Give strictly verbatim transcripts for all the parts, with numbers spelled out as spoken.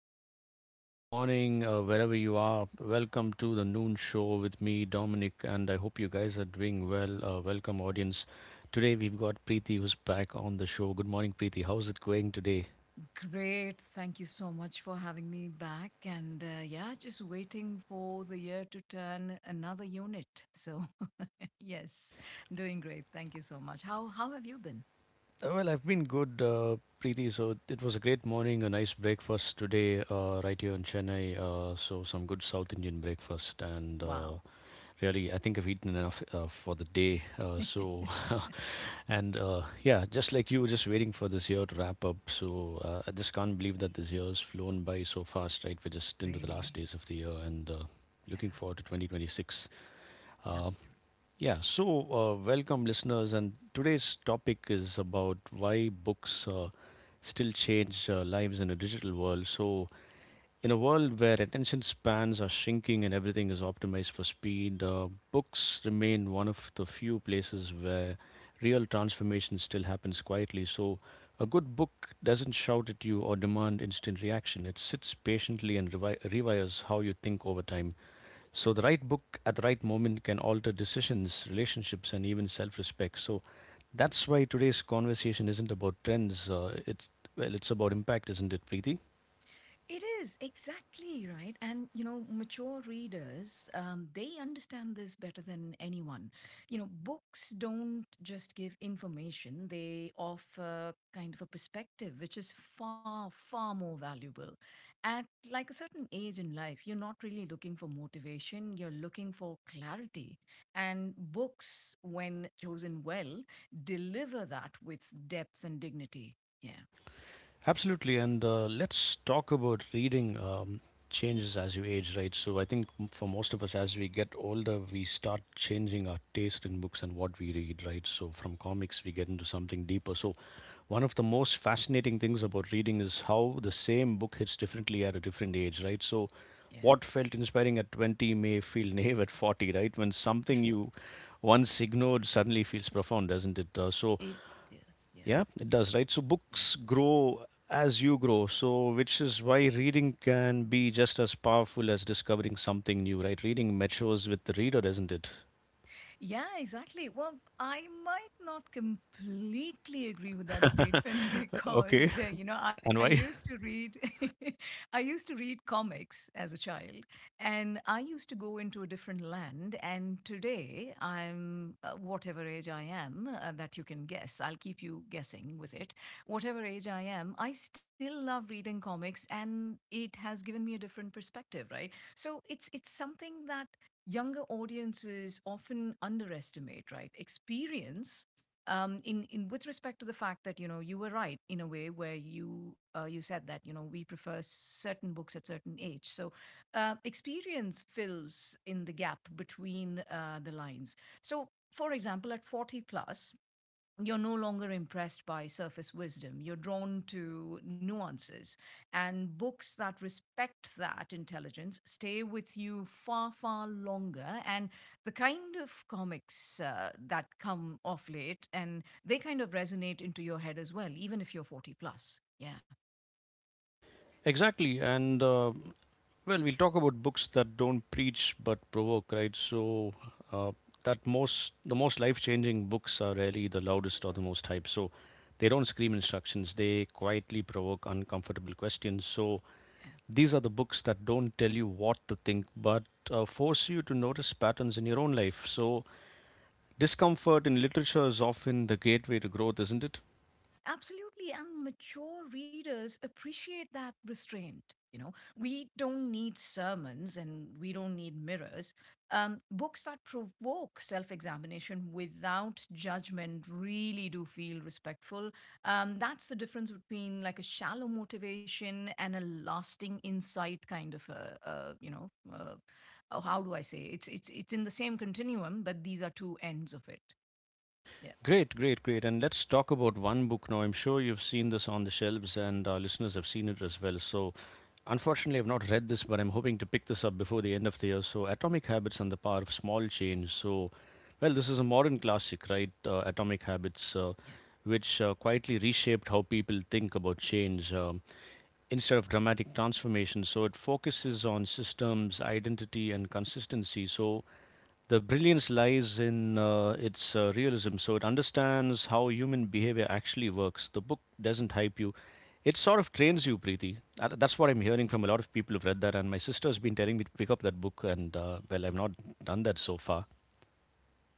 afternoon, uh, good morning, uh, wherever you are. Welcome to the Noon Show with me, Dominic, and I hope you guys are doing well. Uh, welcome, audience. Today we've got Preeti who's back on the show. Good morning, Preeti. How's it going today? Great, thank you so much for having me back. And uh, yeah, just waiting for the year to turn another unit. So, yes, doing great. Thank you so much. How how have you been? Uh, Well, I've been good, uh, Preeti. So it was a great morning, a nice breakfast today, uh, right here in Chennai. Uh, so some good South Indian breakfast, and Wow. uh, really, I think I've eaten enough uh, for the day. Uh, so And uh, yeah, just like you, just waiting for this year to wrap up. So uh, I just can't believe that this year's flown by so fast, right? We're just into the last Really. days of the year and uh, Yeah. looking forward to twenty twenty-six. Uh, Absolutely. yeah, so uh, welcome listeners, and today's topic is about why books uh, still change uh, lives in a digital world. So, in a world where attention spans are shrinking and everything is optimized for speed, uh, books remain one of the few places where real transformation still happens quietly. So, a good book doesn't shout at you or demand instant reaction. It sits patiently and revi- rewires how you think over time. So the right book at the right moment can alter decisions, relationships, and even self-respect. So that's why today's conversation isn't about trends. Uh, it's well, it's about impact, isn't it, Preeti? It is exactly right. And, you know, mature readers, um, they understand this better than anyone. You know, books don't just give information, they offer kind of a perspective, which is far, far more valuable. At like a certain age in life, you're not really looking for motivation, you're looking for clarity. And books, when chosen well, deliver that with depth and dignity. Yeah, Absolutely, and uh, let's talk about reading, um, changes as you age, right? So I think, m- for most of us, as we get older, we start changing our taste in books and what we read, right? So from comics, we get into something deeper. So one of the most fascinating things about reading is how the same book hits differently at a different age, right? So yeah. what felt inspiring at twenty may feel naive at forty, right? When something you once ignored suddenly feels profound, doesn't it? Uh, so It is. Yeah, yeah, it does, right? So yeah. books grow as you grow. So, which is why reading can be just as powerful as discovering something new, right? Reading matures with the reader, isn't it? Yeah, exactly. Well, I might not completely agree with that statement Okay. because the, you know, I And used why? to read I used to read comics as a child, and I used to go into a different land. And today I'm uh, whatever age I am, uh, that you can guess. I'll keep you guessing with it. Whatever age I am, I still love reading comics, and it has given me a different perspective, right? So it's it's something that younger audiences often underestimate, right? Experience, um, in in with respect to the fact that, you know, you were right in a way where you uh, you said that, you know, we prefer certain books at certain age. So uh, experience fills in the gap between uh, the lines. So for example, at forty plus, you're no longer impressed by surface wisdom. You're drawn to nuances. And books that respect that intelligence stay with you far, far longer. And the kind of comics uh, that come off late, and they kind of resonate into your head as well, even if you're forty plus. Yeah, Exactly. And, uh, well, we'll talk about books that don't preach but provoke, right? So, uh, that most, the most life changing books are rarely the loudest or the most hyped. So they don't scream instructions, they quietly provoke uncomfortable questions. So yeah. these are the books that don't tell you what to think, but uh, force you to notice patterns in your own life. So discomfort in literature is often the gateway to growth, isn't it? Absolutely. And mature readers appreciate that restraint. You know, we don't need sermons, and we don't need mirrors. Um, books that provoke self examination without judgment really do feel respectful. Um, that's the difference between like a shallow motivation and a lasting insight kind of a, uh, you know, uh, oh, how do I say? It's, it's, it's in the same continuum, but these are two ends of it. Yeah. Great, great, great. And let's talk about one book now. I'm sure you've seen this on the shelves, and our listeners have seen it as well. So, unfortunately, I've not read this, but I'm hoping to pick this up before the end of the year. So, Atomic Habits and the Power of Small Change. So, well, this is a modern classic, right? Uh, Atomic Habits, uh, which uh, quietly reshaped how people think about change. Um, instead of dramatic transformation. So it focuses on systems, identity, and consistency. So the brilliance lies in uh, its uh, realism. So it understands how human behavior actually works. The book doesn't hype you. It sort of trains you, Preeti. That- That's what I'm hearing from a lot of people who've read that, and my sister's been telling me to pick up that book, and uh, well, I've not done that so far.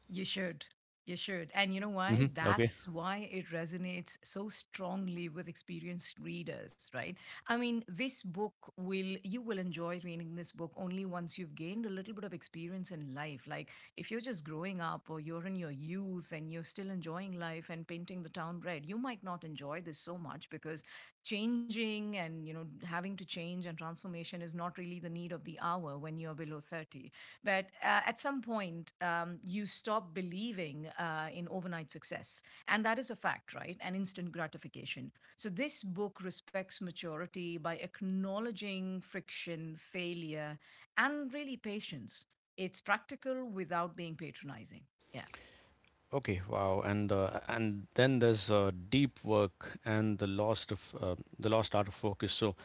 You should. You should. And you know why? Hmm. Okay. That's why it resonates so strongly with experienced readers, right? I mean, this book will, you will enjoy reading this book only once you've gained a little bit of experience in life. Like, if you're just growing up or you're in your youth and you're still enjoying life and painting the town red, you might not enjoy this so much, because changing and, you know, having to change and transformation is not really the need of the hour when you're below thirty. But uh, at some point, um, you stop believing uh, in overnight success. And that is a fact, right? And instant gratification. So this book respects maturity by acknowledging friction, failure, and really patience. It's practical without being patronizing. Yeah. Okay, wow, and uh, and then there's uh, deep work and the lost of uh, the lost art of focus. So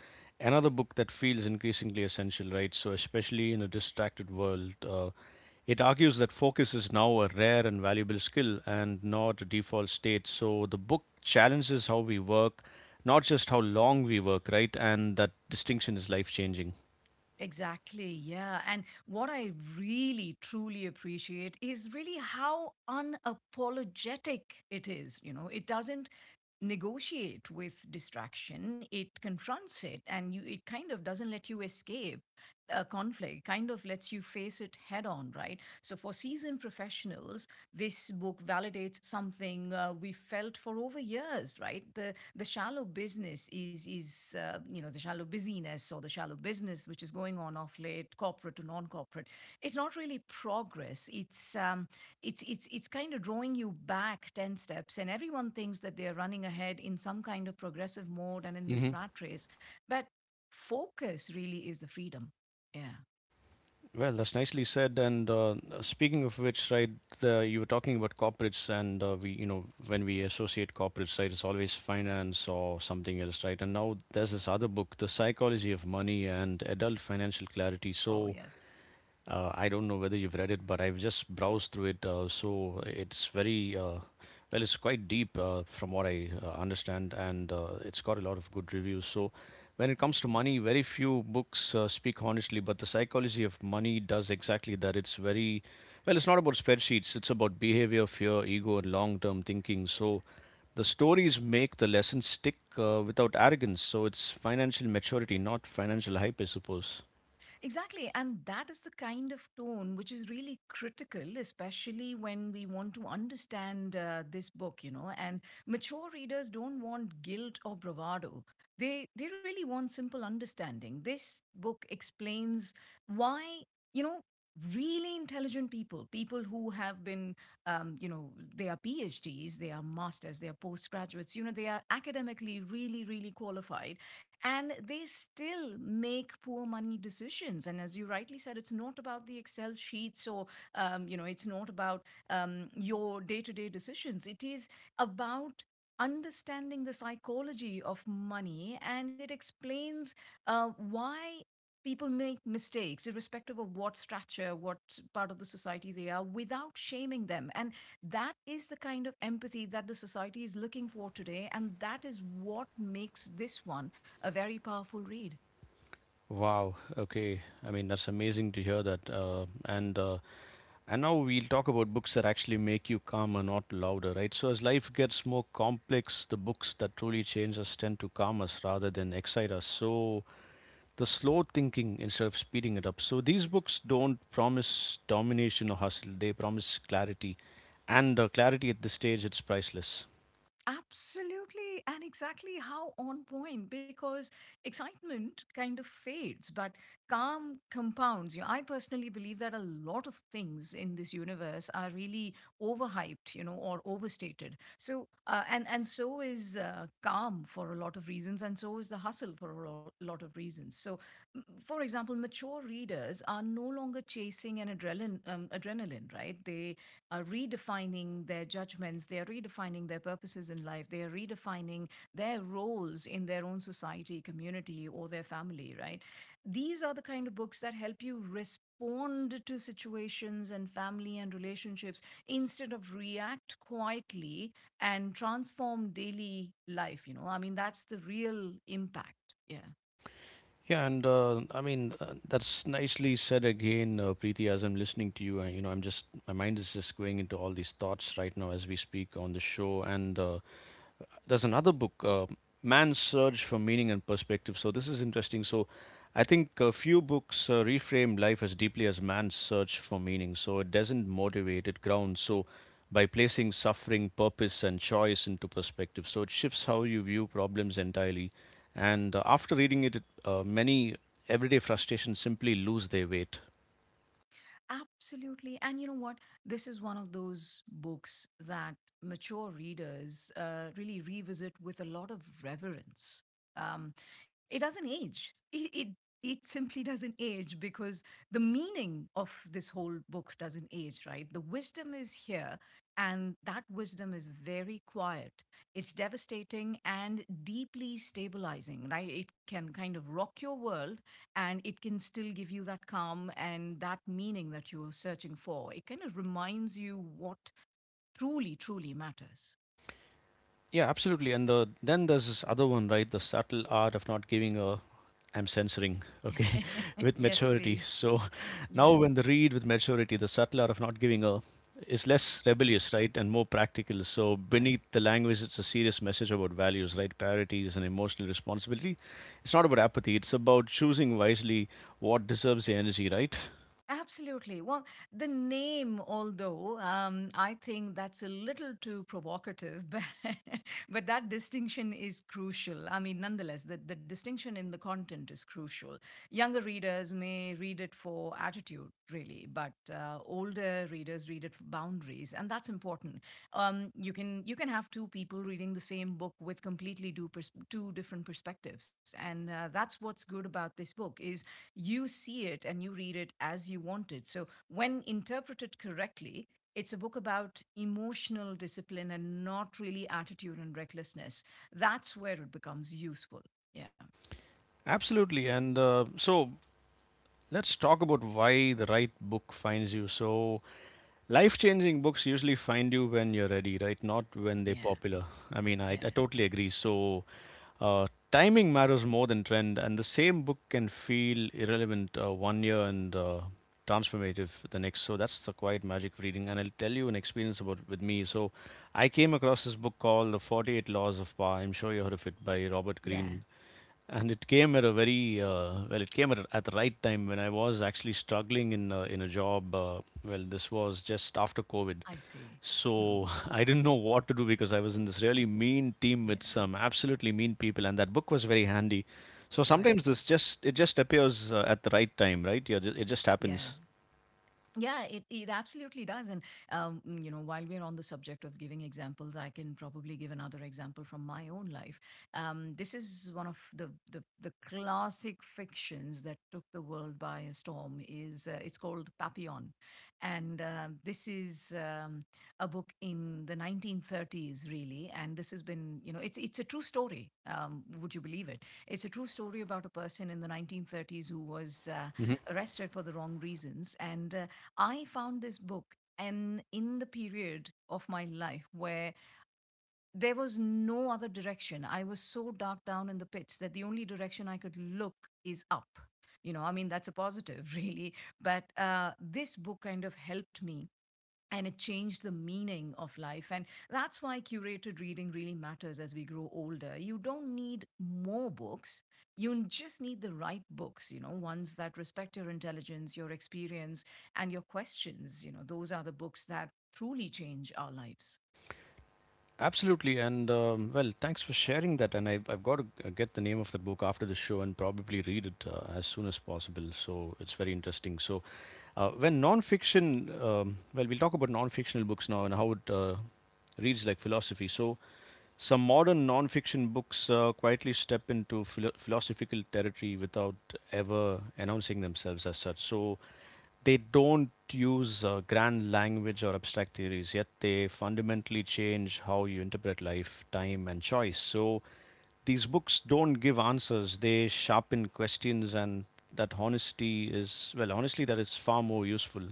another book that feels increasingly essential, right? So, especially in a distracted world, uh, it argues that focus is now a rare and valuable skill and not a default state. So the book challenges how we work, not just how long we work, right? And that distinction is life changing. Exactly, yeah. And what I really truly appreciate is really how unapologetic it is. You know, it doesn't negotiate with distraction, it confronts it. And you it kind of doesn't let you escape uh, conflict, kind of lets you face it head on, right? So, for seasoned professionals, this book validates something uh, we felt for over years, right? The the shallow business is is uh, you know, the shallow busyness or the shallow business which is going on off late, corporate to non-corporate. It's not really progress. It's um, it's it's it's kind of drawing you back ten steps, and everyone thinks that they are running ahead in some kind of progressive mode and in this rat race, but focus really is the freedom. Yeah. Well, that's nicely said. And uh, speaking of which, right, uh, you were talking about corporates, and uh, we, you know, when we associate corporates, right, it's always finance or something else, right? And now there's this other book, The Psychology of Money and Adult Financial Clarity. Oh, So yes. uh, I don't know whether you've read it, but I've just browsed through it. Uh, so it's very, uh, well, it's quite deep uh, from what I uh, understand, and uh, it's got a lot of good reviews. So when Yeah. it comes to money, very few books uh, speak honestly, but the psychology of money does exactly that. It's very, well, it's not about spreadsheets, it's about behavior, fear, ego, and long term thinking. So the stories make the lessons stick uh, without arrogance. So it's financial maturity, not financial hype, I suppose. Exactly. And that is the kind of tone which is really critical, especially when we want to understand uh, this book, you know. And mature readers don't want guilt or bravado. They they really want simple understanding. This book explains why, you know, really intelligent people, people who have been, um, you know, they are PhDs, they are masters, they are postgraduates, you know, they are academically really, really qualified, and they still make poor money decisions. And as you rightly said, it's not about the excel sheets, or um, you know, it's not about um, your day-to-day decisions, it is about understanding the psychology of money. And it explains uh, why people make mistakes irrespective of what structure, what part of the society they are, without shaming them. And that is the kind of empathy that the society is looking for today, and that is what makes this one a very powerful read. Wow. Okay. I mean, that's amazing to hear that. Uh, and uh, and now we'll talk about books that actually make you calmer, not louder, right? So as life gets more complex, the books that truly change us tend to calm us rather than excite us. So the slow thinking instead of speeding it up. So these books don't promise domination or hustle. They promise clarity, and uh, clarity at this stage it's priceless. Absolutely, and exactly how on point, because excitement kind of fades, but calm compounds. You know, I personally believe that a lot of things in this universe are really overhyped, you know, or overstated. So, uh, and and so is uh, calm for a lot of reasons, and so is the hustle for a lo- lot of reasons. So, m- for example, mature readers are no longer chasing an adrenaline, um, adrenaline, right? They are redefining their judgments, they are redefining their purposes in life, they are redefining their roles in their own society, community, or their family, right? These are the kind of books that help you respond to situations and family and relationships instead of react quietly, and transform daily life, you know? I mean, that's the real impact. Yeah. Yeah, and uh, I mean uh, that's nicely said again, uh, Preeti. As I'm listening to you, uh, you know, I'm just my mind is just going into all these thoughts right now as we speak on the show, and uh, there's another book, uh, Man's Search for Meaning and Perspective. So this is interesting. So I think a few books uh, reframe life as deeply as man's search for meaning. So it doesn't motivate, it grounds. So by placing suffering, purpose, and choice into perspective, so it shifts how you view problems entirely. And uh, after reading it, it uh, many everyday frustrations simply lose their weight. Absolutely. And you know what? This is one of those books that mature readers uh, really revisit with a lot of reverence. Um, it doesn't age. It, it it simply doesn't age, because the meaning of this whole book doesn't age, right? The wisdom is here, and that wisdom is very quiet. It's devastating and deeply stabilizing, right? It can kind of rock your world, and it can still give you that calm and that meaning that you're searching for. It kind of reminds you what truly, truly matters. Yeah, absolutely. And the, then there's this other one, right? The subtle art of not giving a, I'm censoring, okay, with Yes, maturity. please. So now Yeah. when the read with maturity, the subtle art of not giving a is less Right. rebellious, right, and more practical. So Right. beneath the language, it's a serious message about values, right, priorities and emotional responsibility. It's not about apathy. It's about choosing wisely what deserves the energy, right? Absolutely. Well, the name, although um, I think that's a little too provocative, but, but that distinction is crucial. I mean, nonetheless, the, the distinction in the content is crucial. Younger readers may read it for attitude, really, but uh, older readers read it for boundaries, and that's important. Um, you can you can have two people reading the same book with completely two, pers- two different perspectives, and uh, that's what's good about this book is you see it and you read it as you want it. So, when interpreted correctly, it's a book about emotional discipline and not really attitude and recklessness. That's where it becomes useful. Yeah, Absolutely. And uh, so let's talk about why the right book finds you. So life changing books usually find you when you're ready, right? Not when they're yeah, popular. I mean, I, yeah, I totally agree. So, uh, timing matters more than trend, and the same book can feel irrelevant uh, one year and uh, transformative the next. So that's the quiet magic of reading. And I'll tell you an experience about with me. So I came across this book called The forty-eight Laws of Power. I'm sure you heard of it by Robert yeah. Greene, and it came at a very, uh, well, it came at, a- at the right time when I was actually struggling in a, in a job. Uh, well, this was just after COVID, I see. Hmm. so I didn't know what to do because I was in this really mean team Yeah, with some absolutely mean people, and that book was very handy. So right. sometimes this just, it just appears uh, at the right time, right? Yeah, ju- it just Yeah. happens. Yeah, it, it absolutely does. And, um, you know, while we're on the subject of giving examples, I can probably give another example from my own life. Um, this is one of the, the, the classic fictions that took the world by a storm is uh, it's called Papillon. And uh, this is um, a book in the nineteen thirties, really. And this has been, you know, it's, it's a true story. Um, would you believe it? It's a true story about a person in the nineteen thirties who was uh, Mm-hmm. arrested for the wrong reasons. And uh, I found this book, and in the period of my life where there was no other direction, I was so dark down in the pits that the only direction I could look is up. You know, I mean, that's a positive, really. But uh, this book kind of helped me, and it changed the meaning of life. And that's why curated reading really matters as we grow older. You don't need more books, you just need the right books, you know, ones that respect your intelligence, your experience, and your questions. You know, those are the books that truly change our lives. Absolutely, and um, well, thanks for sharing that. And I, I've got to get the name of that book after the show and probably read it uh, as soon as possible. So it's very interesting. So, uh, when nonfiction, um, well, we'll talk about non-fictional books now and how it uh, reads like philosophy. So some modern non-fiction books uh, quietly step into philo- philosophical territory without ever announcing themselves as such. So they don't use uh, grand language or abstract theories, yet they fundamentally change how you interpret life, time, and choice. So these books don't give answers, they sharpen questions, and that honesty is, well, honestly, that is far more useful.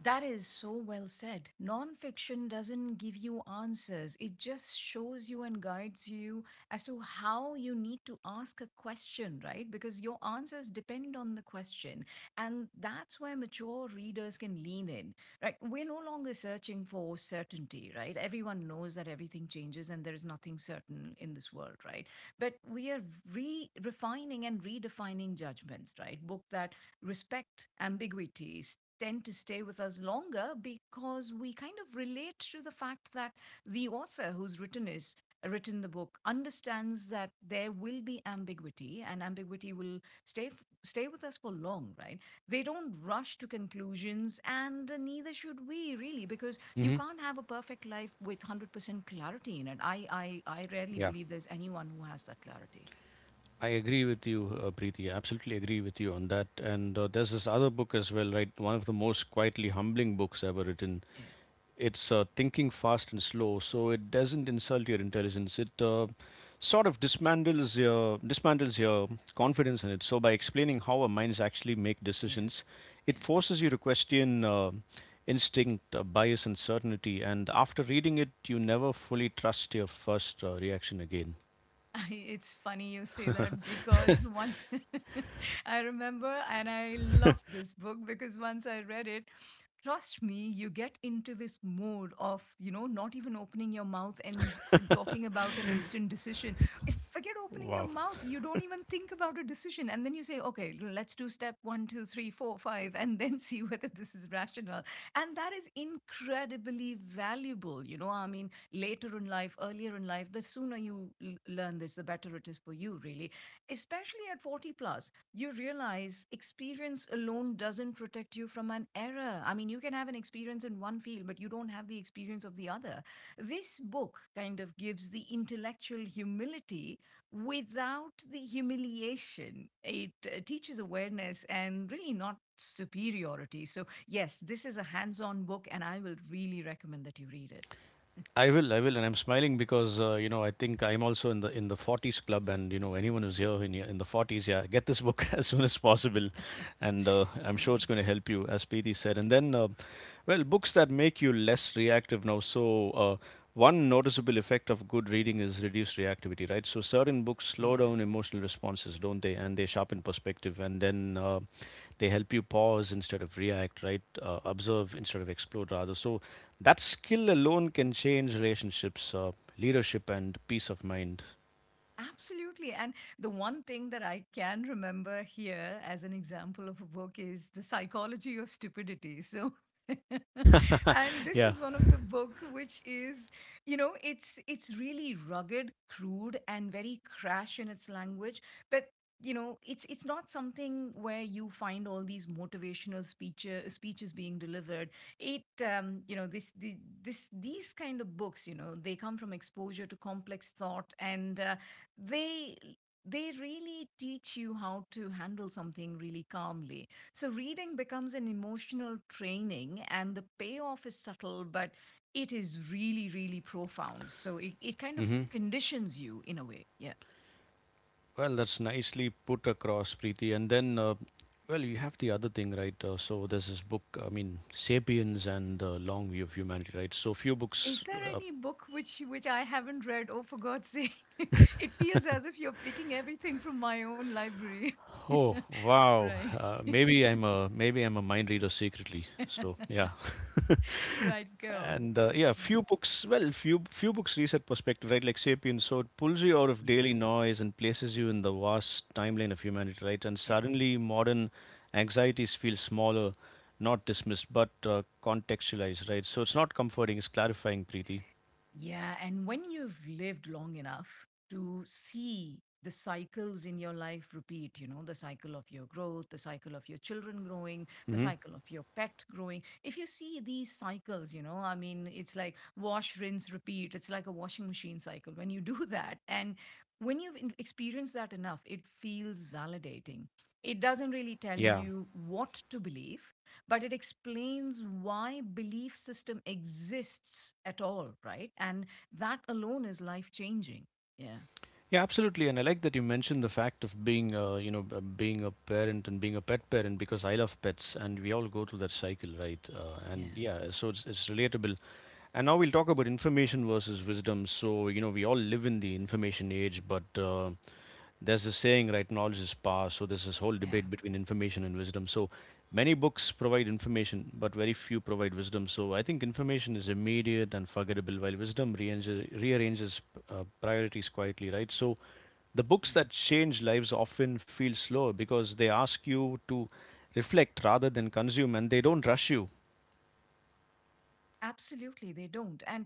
That is so well said. Nonfiction doesn't give you answers, it just shows you and guides you as to how you need to ask a question, right? Because your answers depend on the question. And that's where mature readers can lean in, right? We're no longer searching for certainty, right? Everyone knows that everything changes and there is nothing certain in this world, right? But we are re refining and redefining judgments, right? Book that respect ambiguities tend to stay with us longer because we kind of relate to the fact that the author who's written is written the book understands that there will be ambiguity and ambiguity will stay stay with us for long, right? They don't rush to conclusions and neither should we really, because you Hmm. can't have a perfect life with a hundred percent clarity in it. I i i rarely Yeah, believe there's anyone who has that clarity. I agree with you, uh, Preeti. I absolutely agree with you on that. And uh, there's this other book as well, right? One of the most quietly humbling books ever written. Yeah, It's uh, thinking fast and slow, so it doesn't insult your intelligence. It uh, sort of dismantles your dismantles your confidence in it. So by explaining how our minds actually make yeah, decisions, it yeah. forces you to question uh, instinct, uh, bias, and certainty. And after reading it, you never fully trust your first uh, reaction again. I, it's funny you say that because once I remember, and I loved this book because once I read it, trust me, you get into this mode of, you know, not even opening your mouth and s- talking about an instant decision. If- Forget opening your Wow. mouth. You don't even think about a decision. And then you say, okay, let's do step one, two, three, four, five, and then see whether this is rational. And that is incredibly valuable. You know, I mean, later in life, earlier in life, the sooner you l- learn this, the better it is for you, really. Especially at forty plus, you realize experience alone doesn't protect you from an error. I mean, you can have an experience in one field, but you don't have the experience of the other. This book kind of gives the intellectual humility without the humiliation. It uh, teaches awareness and really not superiority. So yes, this is a hands on book, and I will really recommend that you read it. I will, I will, and I'm smiling because uh, you know, I think I'm also in the in the forties club, and you know anyone who's here in your- in the forties, yeah, get this book as soon as possible, and uh, I'm sure Yeah. it's going to help you, as Preeti said. And then, uh, well, books that make you less reactive now. So uh, one noticeable effect of good reading is reduced reactivity, right? So certain books slow Yeah. down emotional responses, don't they? And they sharpen perspective, and then uh, they help you pause instead of react, right, uh, observe instead of explode, rather. So that skill alone can change relationships, uh, leadership, and peace of mind. Absolutely. And the one thing that I can remember here as an example of a book is The Psychology of Stupidity. So and this Yeah. is one of the book which is, you know it's it's really rugged, crude and very crash in its language. But you know it's it's not something where you find all these motivational speeches speeches being delivered. It um, you know this, the this These kind of books, you know they come from exposure to complex thought, and uh, they they really teach you how to handle something really calmly. So reading becomes an emotional training and the payoff is subtle, but it is really, really profound. So it, it kind of Hmm. conditions you in a way. Yeah. Well, that's nicely put across, Preeti. And then uh, Well, you have the other thing, right? Uh, so there's this book, I mean, *Sapiens* and the long view of humanity, right? So few books. Is there uh, any book which which I haven't read? Oh, for God's sake! It feels as if you're picking everything from my own library. oh, wow. Right, uh, Maybe i'm a maybe i'm a mind reader secretly. So yeah. right. Go on. And uh, Yeah, Mm. few books. Well, few few books reset perspective, right? Like *Sapiens*, so it pulls you out of Yeah. daily noise and places you in the vast timeline of humanity, right? And suddenly, modern anxieties feel smaller, not dismissed, but uh, contextualized, right? So it's not comforting; it's clarifying, Preeti. Yeah, and when you've lived long enough to see the cycles in your life repeat, you know, the cycle of your growth, the cycle of your children growing, the Hmm. cycle of your pet growing. If you see these cycles, you know, I mean, it's like wash, rinse, repeat. It's like a washing machine cycle. When you do that, and when you've in- experienced that enough, it feels validating. It doesn't really tell Yeah. you what to believe, but it explains why belief system exists at all, right? And that alone is life changing. Yeah, Yeah, absolutely. And I like that you mentioned the fact of being, uh, you know, b- being a parent and being a pet parent, because I love pets, and we all go through that cycle, right? Uh, and yeah, yeah, so it's it's relatable. And now we'll talk about information versus wisdom. So, you know, we all live in the information age, but uh, there's a saying, right, knowledge is power. So, there's this whole yeah. debate between information and wisdom. So, many books provide information, but very few provide wisdom. So, I think information is immediate and forgettable, while wisdom rearranges, rearranges uh, priorities quietly, right? So, the books Right. that change lives often feel slow because they ask you to reflect rather than consume, and they don't rush you. Absolutely, they don't. And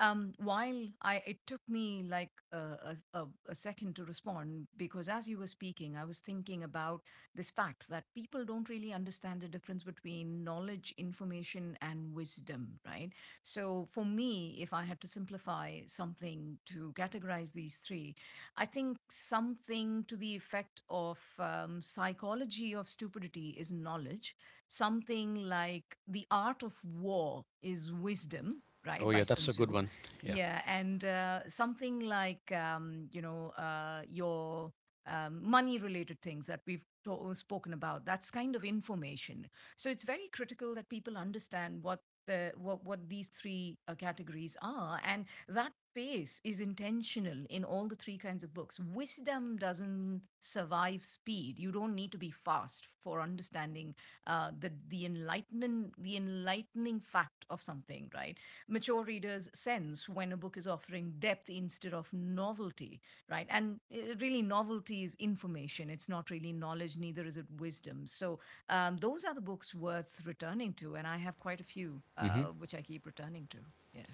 um, while I, it took me like a, a, a a second to respond because as you were speaking, I was thinking about this fact that people don't really understand the difference between knowledge, information, and wisdom, right? So for me, if I had to simplify something to categorize these three, I think something to the effect of um, psychology of stupidity is knowledge, something like the art of war is wisdom, Oh, right? By yeah, Sun that's a good Tzu. one. Yeah. Yeah. And uh, something like, um, you know uh, your um, money related things that we've to- spoken about, that's kind of information. So it's very critical that people understand what the what, what these three uh, categories are, and that pace is intentional in all the three kinds of books. Wisdom doesn't survive speed. You don't need to be fast for understanding uh, the the enlightening the enlightening fact of something, right? Mature readers sense when a book is offering depth instead of novelty, right? And uh, really, novelty is information. It's not really knowledge. Neither is it wisdom. So um, those are the books worth returning to, and I have quite a few Hmm. uh, which I keep returning to. Yeah.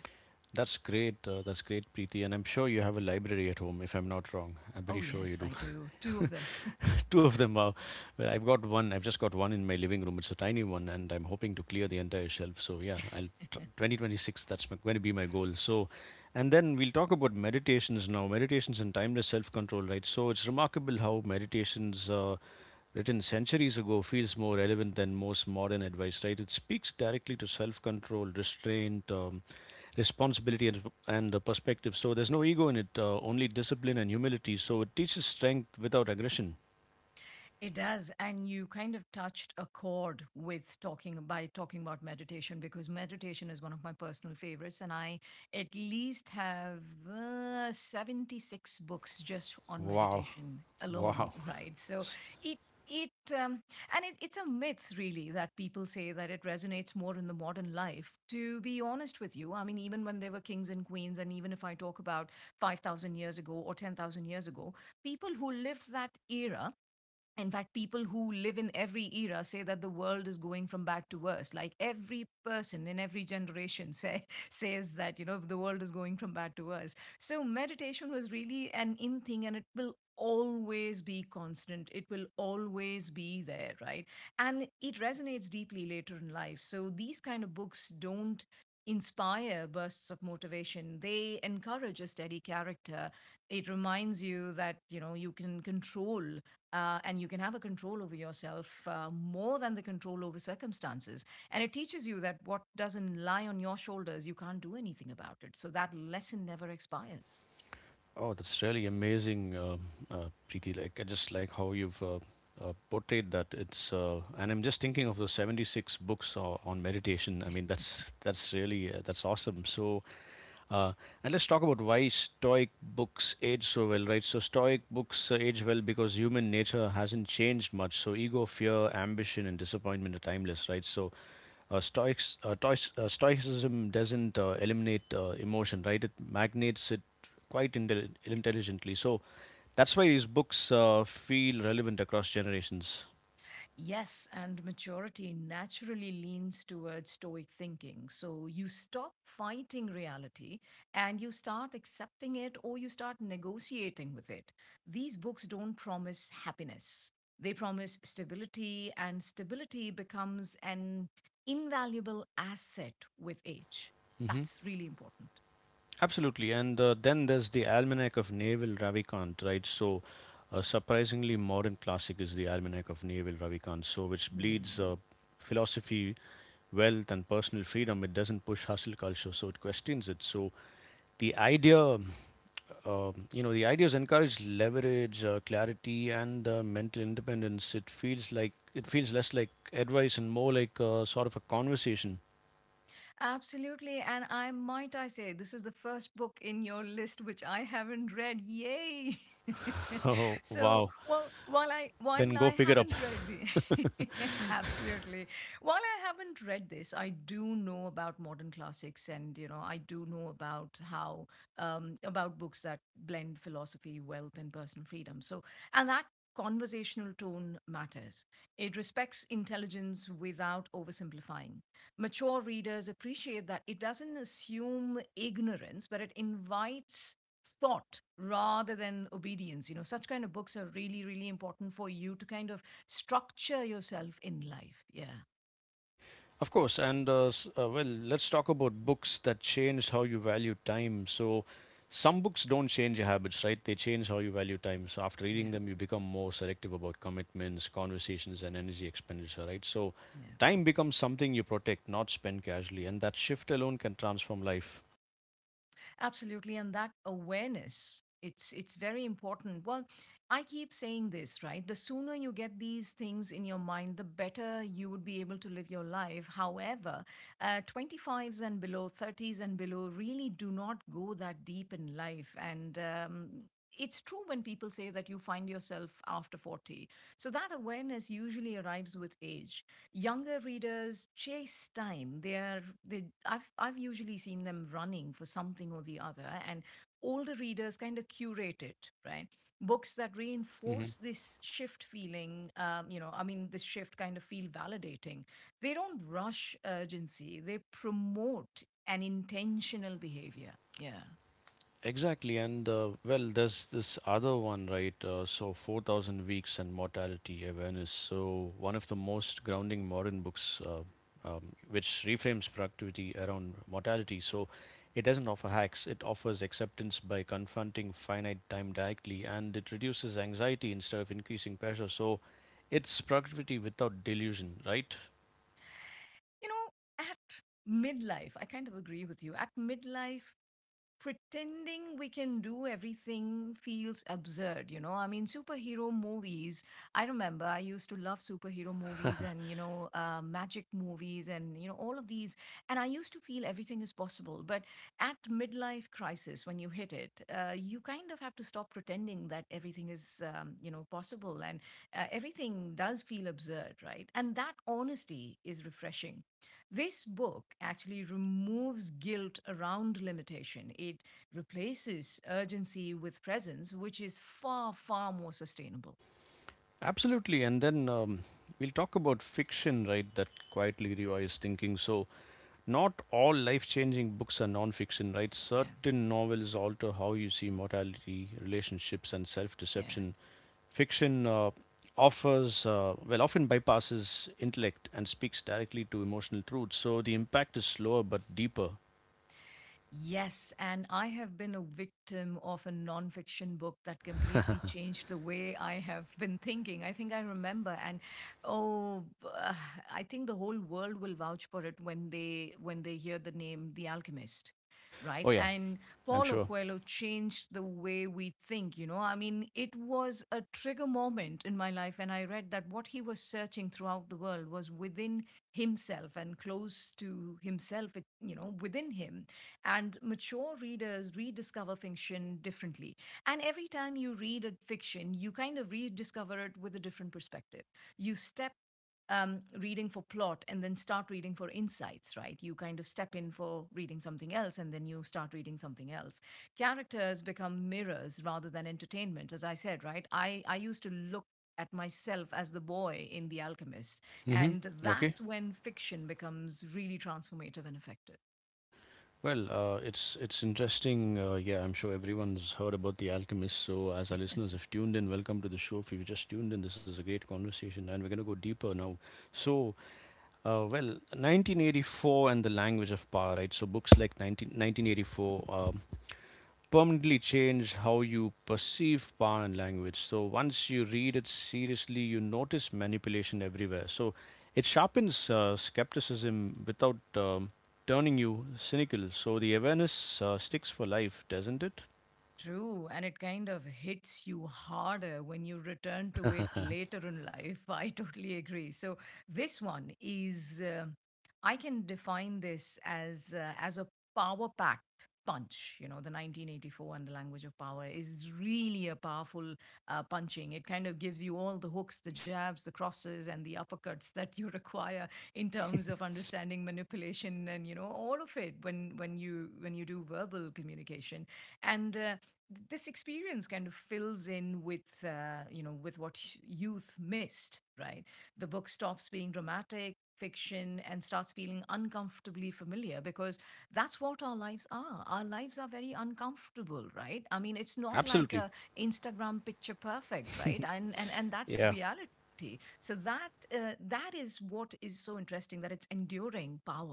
That's great. Uh, that's great, Preeti. And I'm sure you have a library at home, if I'm not wrong. I'm pretty Oh sure you yes, do. I do. Two of them. Two of them are. Well, I've got one. I've just got one in my living room. It's a tiny one, and I'm hoping to clear the entire shelf. So yeah, I'll tr- twenty twenty-six, that's my, going to be my goal. So, and then we'll talk about meditations now. Meditations and timeless self-control, right? So it's remarkable how meditations, uh, written centuries ago, feels more relevant than most modern advice, right? It speaks directly to self-control, restraint, Um, responsibility, and, and uh, perspective. So there's no ego in it, uh, only discipline and humility. So it teaches strength without aggression. It does. And you kind of touched a chord with talking by talking about meditation, because meditation is one of my personal favorites. And I at least have uh, seventy-six books just on Wow, meditation alone, wow. right? So it it um, and it, it's a myth really that people say that it resonates more in the modern life, to be honest with you. I mean, even when they were kings and queens, and even if I talk about five thousand years ago or ten thousand years ago, people who lived that era, in fact people who live in every era say that the world is going from bad to worse. Like every person in every generation say, says that, you know, the world is going from bad to worse. So meditation was really an in thing and it will always be constant, it will always be there, right? And it resonates deeply later in life. So these kind of books don't inspire bursts of motivation, they encourage a steady character. It reminds you that, you know, you can control uh, and you can have a control over yourself, uh, more than the control over circumstances. And it teaches you that what doesn't lie on your shoulders, you can't do anything about it. So that lesson never expires. Oh, that's really amazing, um uh, Preeti. Like, I just like how you've uh, uh, portrayed that. It's uh, and I'm just thinking of the seventy-six books uh, on meditation. I mean, that's that's really uh, that's awesome. So Uh, and let's talk about why Stoic books age so well, right? So, Stoic books uh, age well because human nature hasn't changed much. So, ego, fear, ambition, and disappointment are timeless, right? So, uh, Stoics, uh, tois, uh, Stoicism doesn't uh, eliminate uh, emotion, right? It magnates it quite intelli- intelligently. So, that's why these books uh, feel relevant across generations. Yes, and maturity naturally leans towards stoic thinking. So you stop fighting reality and you start accepting it or you start negotiating with it. These books don't promise happiness, they promise stability, and stability becomes an invaluable asset with age. That's really important. Absolutely. And uh, Then there's the Almanac of Naval Ravikant, right? So, a surprisingly modern classic is the Almanac of Naval Ravikant, so which bleeds Hmm. uh, philosophy, wealth, and personal freedom. It doesn't push hustle culture, so it questions it. So, the idea, uh, you know, the ideas encourage leverage, uh, clarity, and uh, mental independence. It feels like it feels less like advice and more like uh, sort of a conversation. Absolutely. And I might I say this is the first book in your list which I haven't read. Yay. Oh, So wow. well, while I while Then go I pick it up. haven't read it- Absolutely. While I haven't read this, I do know about modern classics, and you know, I do know about how um about books that blend philosophy, wealth, and personal freedom. So, and that conversational tone matters. It respects intelligence without oversimplifying. Mature readers appreciate that it doesn't assume ignorance, but it invites thought rather than obedience. You know, such kind of books are really, really important for you to kind of structure yourself in life. Yeah, Of course, and uh, s- uh, well, let's talk about books that change how you value time. So, some books don't change your habits, right? They change how you value time. So, after reading yeah, them, you become more selective about commitments, conversations, and energy expenditure, right? So, yeah. time becomes something you protect, not spend casually, and that shift alone can transform life. Absolutely, and that awareness, it's it's very important. Well, I keep saying this, right? The sooner you get these things in your mind, the better you would be able to live your life. However, uh, twenty-fives and below, thirties and below really do not go that deep in life. And um, it's true when people say that you find yourself after forty. So that awareness usually arrives with age. Younger readers chase time, they are they i've I've usually seen them running for something or the other, and older readers kind of curate it, right? Books that Hmm. reinforce this shift feeling, um, you know i mean this shift kind of feel validating. They don't rush urgency, they promote an intentional behavior. Yeah. Exactly, and uh, well, there's this other one, right? Uh, so, four thousand Weeks and Mortality Awareness. So, one of the most grounding modern books, uh, um, which reframes productivity around mortality. So, it doesn't offer hacks, it offers acceptance by confronting finite time directly, and it reduces anxiety instead of increasing pressure. So, it's productivity without delusion, right? You know, at midlife, I kind of agree with you. At midlife, pretending we can do everything feels absurd. You know, I mean, superhero movies. I remember I used to love superhero movies, and you know, uh, magic movies and you know, all of these. And I used to feel everything is possible, but at midlife crisis, when you hit it, uh, you kind of have to stop pretending that everything is, um, you know possible, and uh, everything does feel absurd, right? And that honesty is refreshing. This book actually removes guilt around limitation. It replaces urgency with presence, which is far, far more sustainable. Absolutely, and then um, we'll talk about fiction, right, that quietly rewires thinking. So, not all life changing books are non fiction, right? Yeah, Certain novels alter how you see mortality, relationships, and self yeah. deception. Fiction uh, offers, uh, well, often bypasses intellect and speaks directly to emotional truths. So the impact is slower but deeper. Yes, and I have been a victim of a nonfiction book that completely changed the way I have been thinking. I think I remember, and oh, b- uh, I think the whole world will vouch for it when they when they hear the name The Alchemist, right? Oh, yeah, And I'm Paulo sure. Coelho changed the way we think. You know, I mean, it was a trigger moment in my life, and I read that what he was searching throughout the world was within himself and close to himself, it- you know, within him. And mature readers rediscover fiction differently. And every time you read a fiction, you kind of rediscover it with a different perspective. You step um, reading for plot and then start reading for insights, right? You kind of step in for reading something else and then you start reading something else. Characters become mirrors rather than entertainment, as I said, right? I, I used to look at myself as the boy in The Alchemist, Hmm. and Okay. that's when fiction becomes really transformative and effective. Well, uh, it's it's interesting. Uh, yeah, I'm sure everyone's heard about The Alchemist. So, as our listeners have tuned in, welcome to the show. If you've just tuned in, this is a great conversation, and we're going to go deeper now. So, Uh, well, nineteen eighty-four and the language of power, right? So books like one nine one nine eight four um, permanently change how you perceive power and language. So once you read it seriously, you notice manipulation everywhere. So it sharpens uh, skepticism without um, turning you cynical. So the awareness uh, sticks for life, doesn't it? True, and it kind of hits you harder when you return to it later in life. I totally agree. So this one is, um I can define this as uh, as a power packed punch. You know, the nineteen eighty-four and the language of power is really a powerful uh, punching. It kind of gives you all the hooks, the jabs, the crosses, and the uppercuts that you require in terms of understanding manipulation and you know, all of it when when you when you do verbal communication. And. Uh, this experience kind of fills in with uh, you know with what youth missed, right? The book stops being dramatic fiction and starts feeling uncomfortably familiar, because that's what our lives are. Our lives are very uncomfortable, right? I mean, it's not like Absolutely. a instagram picture perfect, right? And and and that's Yeah. reality. So that uh, that is what is so interesting, that it's enduring power.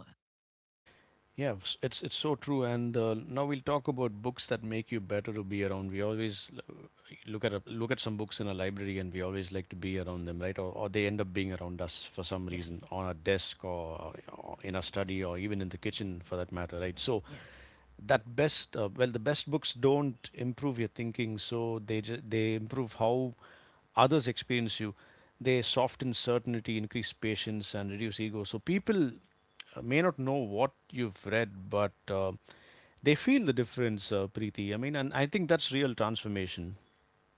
Yeah, s- it's it's so true. And uh, Now we'll talk about books that make you better to be around. We always look at a, look at some books in a library, and we always like to be around them, right, or, or they end up being around us for some reason Yes. on our desk, or, or in our study, or even in the kitchen for that matter, right? So Yes. that best, uh, well, the best books don't improve your thinking, so they they improve how others experience you. They soften certainty, increase patience, and reduce ego. So people uh, may not know what you've read, but uh, they feel the difference, uh, Preeti. I mean, and I think that's real transformation.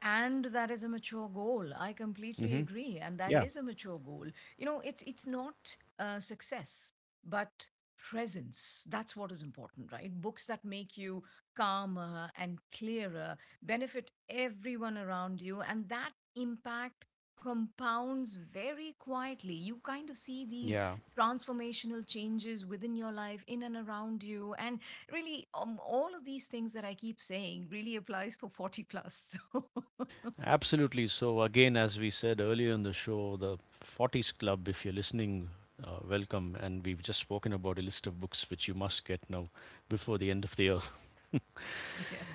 And that is a mature goal. I completely Hmm. agree, and that Yeah. is a mature goal. You know, it's it's not uh, success, but presence. That's what is important, right? Books that make you calmer and clearer benefit everyone around you, and that impact compounds very quietly. You kind of see these Yeah. transformational changes within your life, in and around you, and really, um, all of these things that I keep saying really applies for forty plus so Absolutely. So, again, as we said earlier in the show, the forties Club, if you're listening, uh, welcome. And we've just spoken about a list of books which you must get now before the end of the year. yeah.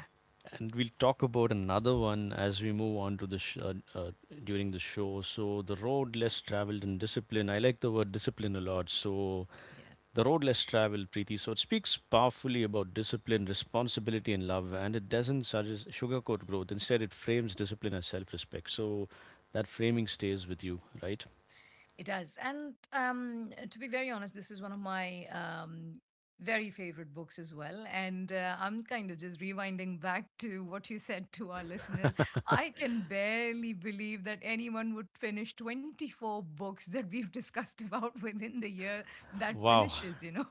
And we'll talk about another one as we move on to the sh- uh, uh, during the show. So, The Road Less Traveled in Discipline. I like the word discipline a lot. So, Yeah, the Road Less Traveled, Preeti. So it speaks powerfully about discipline, responsibility, and love, and it doesn't suggest sugarcoat growth. Instead, it frames discipline as self-respect. So that framing stays with you, right? it does. And um, to be very honest, this is one of my, um, very favorite books as well. And uh, I'm kind of just rewinding back to what you said to our listeners. I can barely believe that anyone would finish twenty-four books that we've discussed about within the year that Wow, finishes, you know.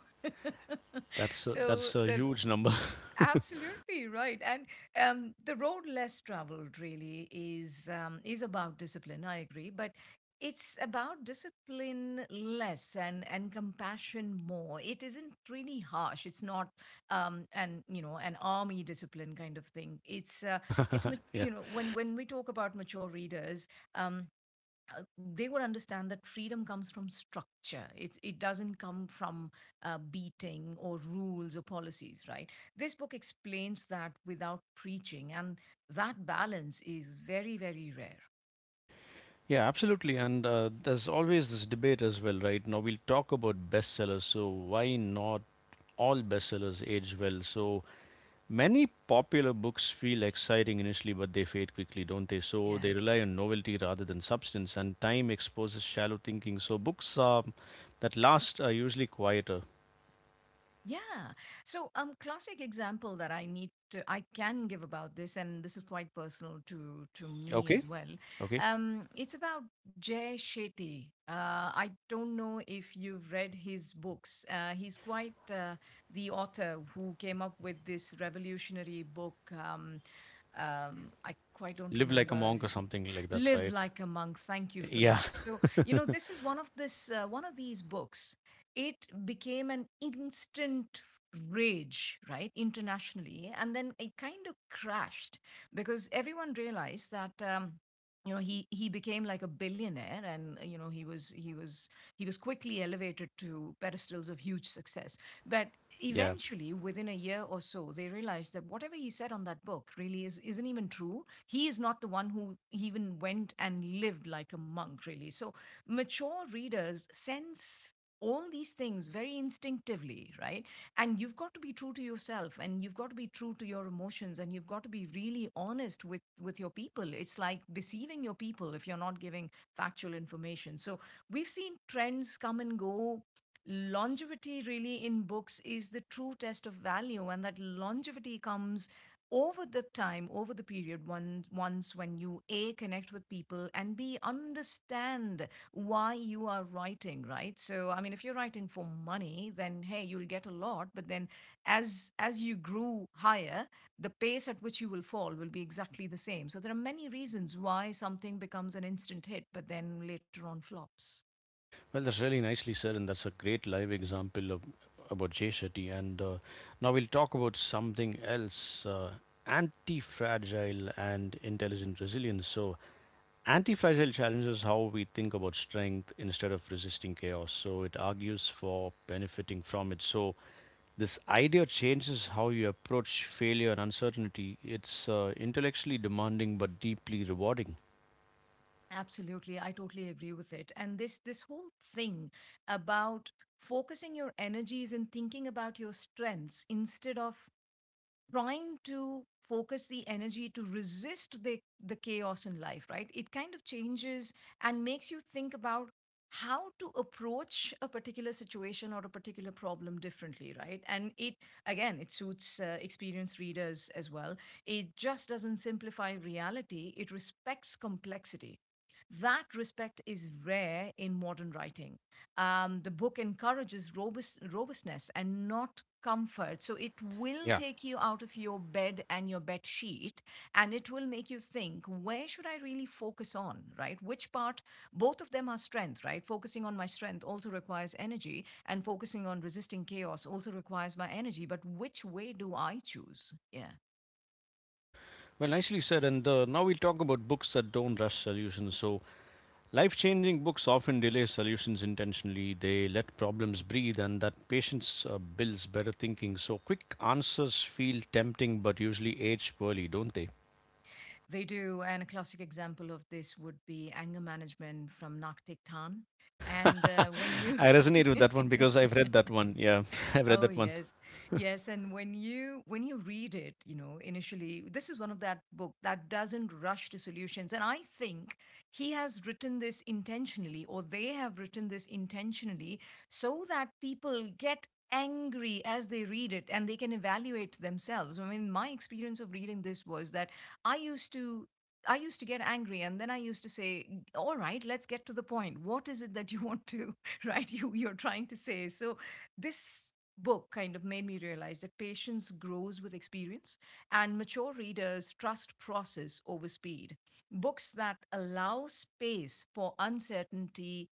that's a, So that's a the. huge number. Absolutely right. And um, the road less traveled really is, um, is about discipline. I agree, but it's about discipline less and and compassion more. It isn't really harsh. It's not um, an, you know, an army discipline kind of thing. It's uh, it's ma- Yeah. you know, when when we talk about mature readers. Um, uh, they would understand that freedom comes from structure. It, it doesn't come from uh, beating or rules or policies, right? This book explains that without preaching, and that balance is very, very rare. Yeah, absolutely. And uh, There's always this debate as well, right? Now we'll talk about bestsellers. So why not all bestsellers age well? So many popular books feel exciting initially, but they fade quickly, don't they? So Yeah. they rely on novelty rather than substance, and time exposes shallow thinking. So books um, that last are usually quieter. Yeah. So, um, classic example that I need to, I can give about this, and this is quite personal to to me Okay, as well. okay. Um, it's about Jay Shetty. Uh, I don't know if you've read his books. Uh, he's quite uh, the author who came up with this revolutionary book. Um, um, I quite don't Live like a remember monk or something like that, live right? like a monk. Thank you for Yeah, that. So, you know, this is one of this uh, one of these books. It became an instant rage, right, internationally, and then it kind of crashed because everyone realized that, um, you know, he he became like a billionaire. And you know, he was he was he was quickly elevated to pedestals of huge success. But yeah. eventually, within a year or so, they realized that whatever he said on that book really is, isn't even true. He is not the one who even went and lived like a monk, really. So mature readers sense all these things very instinctively, right? And you've got to be true to yourself, and you've got to be true to your emotions, and you've got to be really honest with, with your people. It's like deceiving your people if you're not giving factual information. So we've seen trends come and go. Longevity really in books is the true test of value, and that longevity comes over the time, over the period, one, once when you, a, connect with people, and b, understand why you are writing, right? So I mean, if you're writing for money, then hey, you'll get a lot. But then as as you grew higher, the pace at which you will fall will be exactly the same. So there are many reasons why something becomes an instant hit, but then later on flops. Well, that's really nicely said, and that's a great live example of, about Jay Shetty. And uh, Now we'll talk about something else, uh, anti fragile and intelligent resilience. So, Anti-fragile challenges how we think about strength. Instead of resisting chaos, so it argues for benefiting from it. So this idea changes how you approach failure and uncertainty. It's uh, intellectually demanding but deeply rewarding. Absolutely, I totally agree with it. And this this whole thing about focusing your energies and thinking about your strengths, instead of trying to focus the energy to resist the, the chaos in life, right? It kind of changes and makes you think about how to approach a particular situation or a particular problem differently, right? And it, again, it suits uh, experienced readers as well. It just doesn't simplify reality, it respects complexity. That respect is rare in modern writing. Um, the book encourages robust, robustness and not comfort. So it will Yeah. take you out of your bed and your bed sheet, and it will make you think, where should I really focus on, right? Which part? Both of them are strength, right? Focusing on my strength also requires energy, and focusing on resisting chaos also requires my energy. But which way do I choose? Yeah, Well, nicely said. And uh, Now we'll talk about books that don't rush solutions. So, life changing books often delay solutions intentionally. They let problems breathe, and that patience uh, builds better thinking. So, quick answers feel tempting but usually age poorly, don't they? they do. And a classic example of this would be anger management from Naktik Tan. And uh, when you. I resonate with that one because I've read that one. Yeah, I've read Oh that one. yes, yes. And when you when you read it, you know, initially, this is one of that book that doesn't rush to solutions. And I think he has written this intentionally, or they have written this intentionally, so that people get angry as they read it and they can evaluate themselves. I mean, my experience of reading this was that I used to I used to get angry, and then I used to say, all right, let's get to the point. What is it that you want to, right? You you're trying to say. So this book kind of made me realize that patience grows with experience, and mature readers trust process over speed. Books that allow space for uncertainty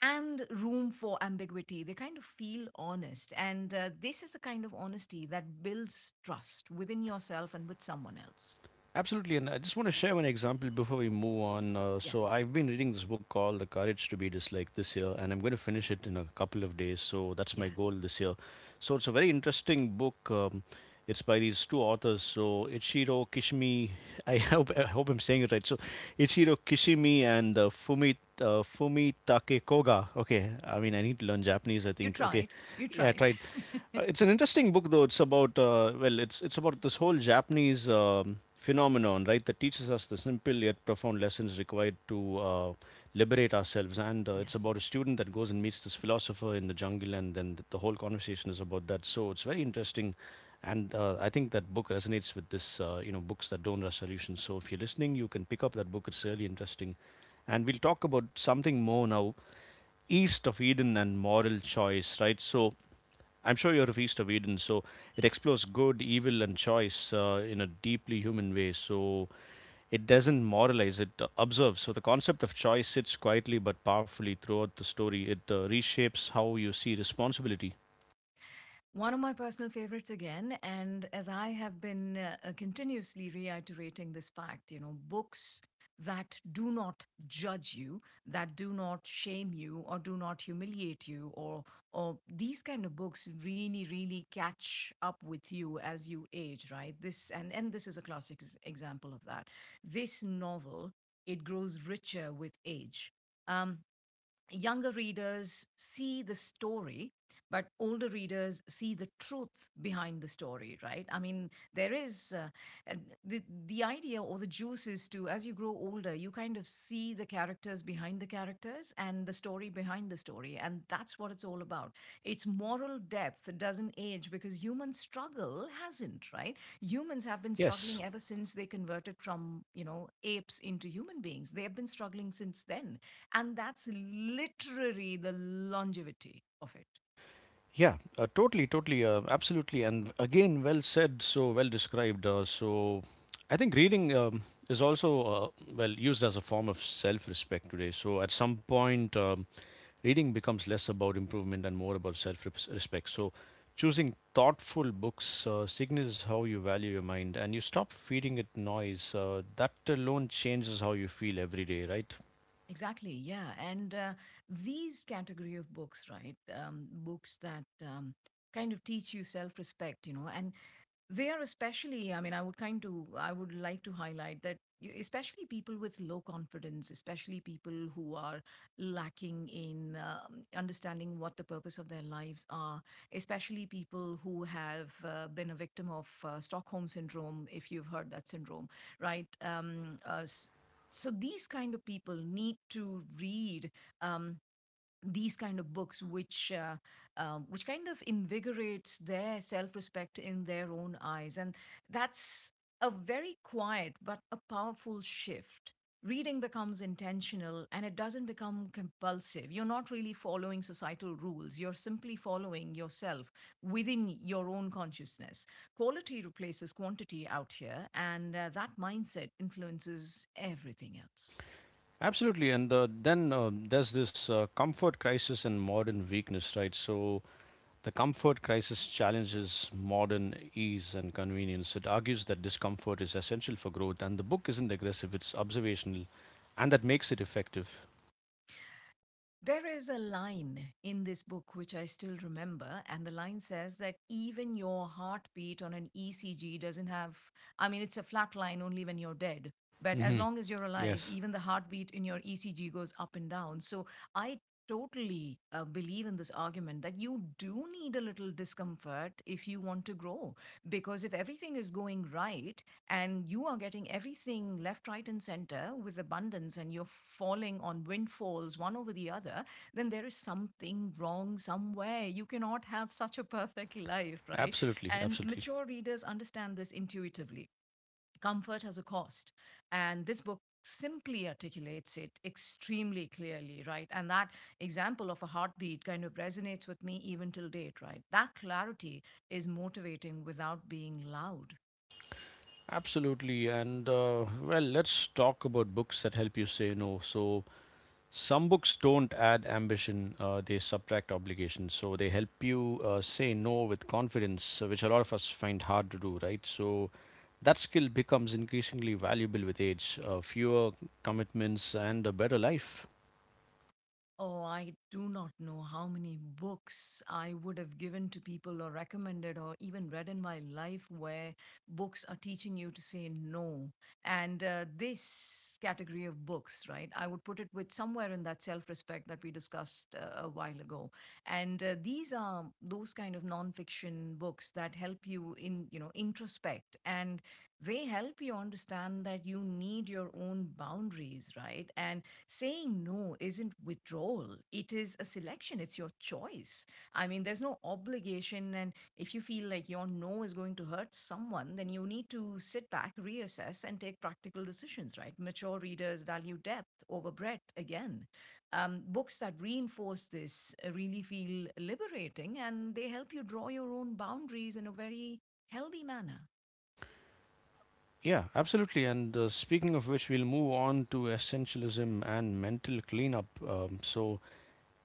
and room for ambiguity, they kind of feel honest. And uh, this is the kind of honesty that builds trust within yourself and with someone else. Absolutely. And I just want to share one example before we move on. Uh, so, Yes. I've been reading this book called The Courage to Be Disliked this year, and I'm going to finish it in a couple of days. So, that's my Yeah. goal this year. So, it's a very interesting book. Um, it's by these two authors. So, Ichiro Kishimi, I hope, I hope I'm saying it right. So, Ichiro Kishimi and uh, Fumito, uh, Fumi Takekoga. Okay, I mean, I need to learn Japanese, I You think. Okay, tried. You yeah, I tried. tried. Uh, it's an interesting book, though. It's about, uh, well, it's, it's about this whole Japanese um, phenomenon, right, that teaches us the simple yet profound lessons required to uh, liberate ourselves. And uh, It's Yes. about a student that goes and meets this philosopher in the jungle, and then th- the whole conversation is about that. So it's very interesting. And uh, I think that book resonates with this, uh, you know, books that don't have solutions. So if you're listening, you can pick up that book. It's really interesting and we'll talk about something more now. East of Eden and moral choice, right? So I'm sure you're of East of Eden. So it explores good, evil and choice uh, in a deeply human way. So it doesn't moralize, it uh, observes. So the concept of choice sits quietly but powerfully throughout the story. It uh, reshapes how you see responsibility. One of my personal favorites again, and as I have been uh, continuously reiterating this fact, you know, books that do not judge you, that do not shame you, or do not humiliate you, or or these kind of books really, really catch up with you as you age, right? This and and this is a classic s- example of that. This novel, it grows richer with age. Um, younger readers see the story, but older readers see the truth behind the story, right? I mean, there is uh, the the idea or the juice is to, as you grow older, you kind of see the characters behind the characters and the story behind the story, and that's what it's all about. Its moral depth, it doesn't age because human struggle hasn't, right? Humans have been Yes. struggling ever since they converted from, you know, apes into human beings. They have been struggling since then, and that's literally the longevity of it. Yeah, uh, totally, totally, uh, absolutely, and again, well said, so well described. Uh, so, I think reading um, is also uh, well used as a form of self-respect today. So, at some point, um, reading becomes less about improvement and more about self-respect. So, choosing thoughtful books uh, signals how you value your mind, and you stop feeding it noise. Uh, that alone changes how you feel every day, right? Exactly, yeah. And uh, these category of books, right? Um, books that, um, kind of teach you self respect, you know, and they are especially, I mean, I would kind to, I would like to highlight that you- especially people with low confidence, especially people who are lacking in, um, understanding what the purpose of their lives are, especially people who have uh, been a victim of uh, Stockholm syndrome, if you've heard that syndrome, right? Um, uh, s- so these kind of people need to read, um, these kind of books which, uh, um, which kind of invigorates their self-respect in their own eyes. And that's a very quiet but a powerful shift. Reading becomes intentional and it doesn't become compulsive. You're not really following societal rules, you're simply following yourself, within your own consciousness. Quality replaces quantity out here, and uh, that mindset influences everything else. Absolutely, and uh, then uh, there's this uh, comfort crisis and modern weakness, right? So the comfort crisis challenges modern ease and convenience. It argues that discomfort is essential for growth, and the book isn't aggressive, it's observational, and that makes it effective. There is a line in this book which I still remember, and the line says that even your heartbeat on an E C G doesn't have, I mean, it's a flat line only when you're dead. But as Hmm. long as you're alive, Yes, even the heartbeat in your E C G goes up and down. So I totally uh, believe in this argument that you do need a little discomfort if you want to grow. Because if everything is going right, and you are getting everything left, right, and center with abundance, and you're falling on windfalls one over the other, then there is something wrong somewhere. You cannot have such a perfect life, right? absolutely, And absolutely. mature readers understand this intuitively. Comfort has a cost, and this book simply articulates it extremely clearly, right? And that example of a heartbeat kind of resonates with me even till date, right? That clarity is motivating without being loud. Absolutely, and uh, well, let's talk about books that help you say no. So, some books don't add ambition, uh, they subtract obligations. So they help you uh, say no with confidence, uh, which a lot of us find hard to do, right? So that skill becomes increasingly valuable with age, uh, fewer commitments, and a better life. Oh, I do not know how many books I would have given to people or recommended or even read in my life where books are teaching you to say no. And uh, this category of books, right, I would put it with somewhere in that self respect that we discussed uh, a while ago. And uh, these are those kind of non-fiction books that help you in, you know, introspect, and they help you understand that you need your own boundaries, right? And saying no isn't withdrawal, it is a selection, it's your choice. I mean, there's no obligation, and if you feel like your no is going to hurt someone, then you need to sit back, reassess and take practical decisions, right? Mature readers value depth over breadth again. Um, books that reinforce this uh, really feel liberating, and they help you draw your own boundaries in a very healthy manner. Yeah, absolutely. And uh, speaking of which, we'll move on to essentialism and mental cleanup. Um, so,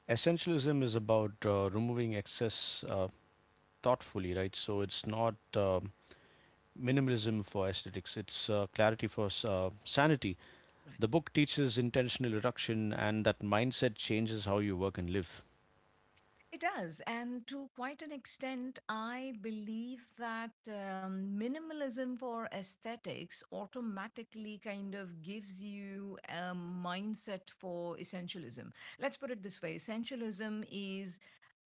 essentialism is about uh, removing excess uh, thoughtfully, right? So, it's not uh, minimalism for aesthetics, it's uh, clarity for uh, sanity. Right. The book teaches intentional reduction, and that mindset changes how you work and live. It does. And to quite an extent, I believe that um, minimalism for aesthetics automatically kind of gives you a mindset for essentialism. Let's put it this way: essentialism is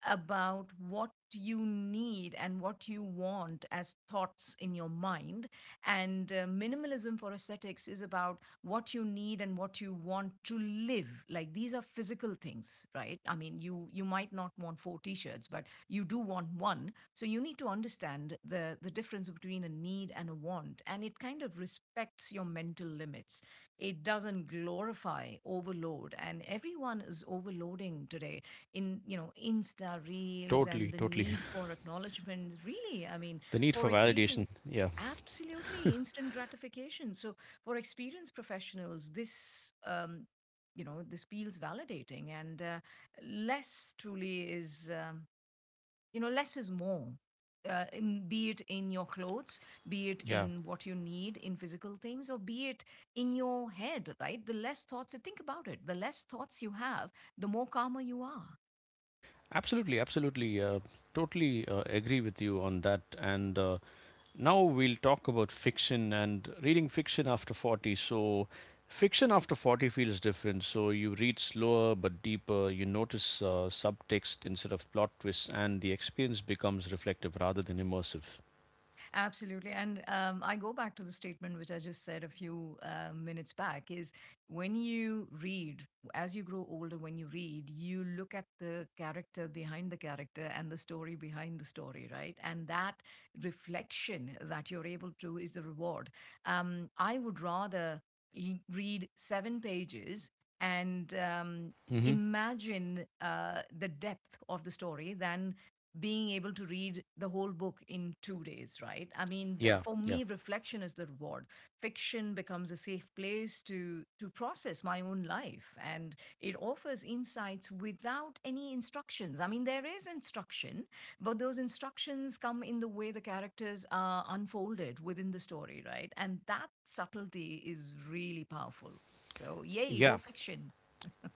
about what you need and what you want as thoughts in your mind. And uh, minimalism for aesthetics is about what you need and what you want to live like. These are physical things, right? I mean, you you might not want four t-shirts, but you do want one, so you need to understand the the difference between a need and a want, and it kind of respects your mental limits. It doesn't glorify overload, and everyone is overloading today in, you know, insta reels and Totally, the totally. need for acknowledgement, really. I mean, The need for for experience. validation. Yeah, Absolutely, instant gratification. So for experienced professionals, this, um, you know, this feels validating, and uh, less truly is, um, you know, less is more. Uh, in, be it in your clothes, be it yeah. in what you need in physical things, or be it in your head, right? The less thoughts, think about it, the less thoughts you have, the more calmer you are. Absolutely, absolutely. Uh, totally uh, agree with you on that. And uh, now we'll talk about fiction and reading fiction after forty. So, fiction after forty feels different. So, you read slower but deeper, you notice uh, subtext instead of plot twists, and the experience becomes reflective rather than immersive. Absolutely. And um, I go back to the statement which I just said a few uh, minutes back is, when you read, as you grow older, when you read, you look at the character behind the character and the story behind the story, right? And that reflection that you're able to is the reward. Um, I would rather l- read seven pages and, um, Hmm. imagine uh, the depth of the story than being able to read the whole book in two days, right? I mean, th- Yeah, for yeah, me, reflection is the reward. Fiction becomes a safe place to to process my own life, and it offers insights without any instructions. I mean, there is instruction, but those instructions come in the way the characters are unfolded within the story, right? And that subtlety is really powerful. So, yay, go yeah, fiction.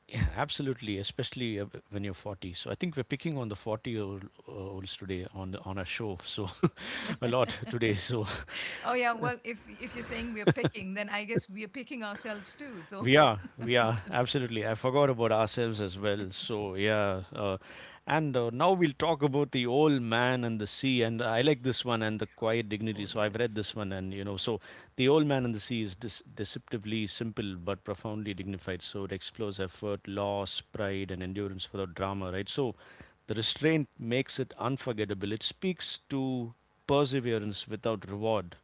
yeah, absolutely. Especially uh, when you're forty. So I think we're picking on the forty year olds today on the- on our show. So a lot today. So Oh yeah, well, if if you're saying we're picking, then I guess we're picking ourselves too. So, we are, we are, absolutely. I forgot about ourselves as well. So, yeah. Uh, and uh, now we'll talk about The Old Man and the Sea. And I like this one and the quiet oh, dignity. So, I've yes. read this one, and you know, so The Old Man and the Sea is dis- deceptively simple but profoundly dignified. So, it explores effort, loss, pride, and endurance without drama, right? So, the restraint makes it unforgettable. It speaks to perseverance without reward.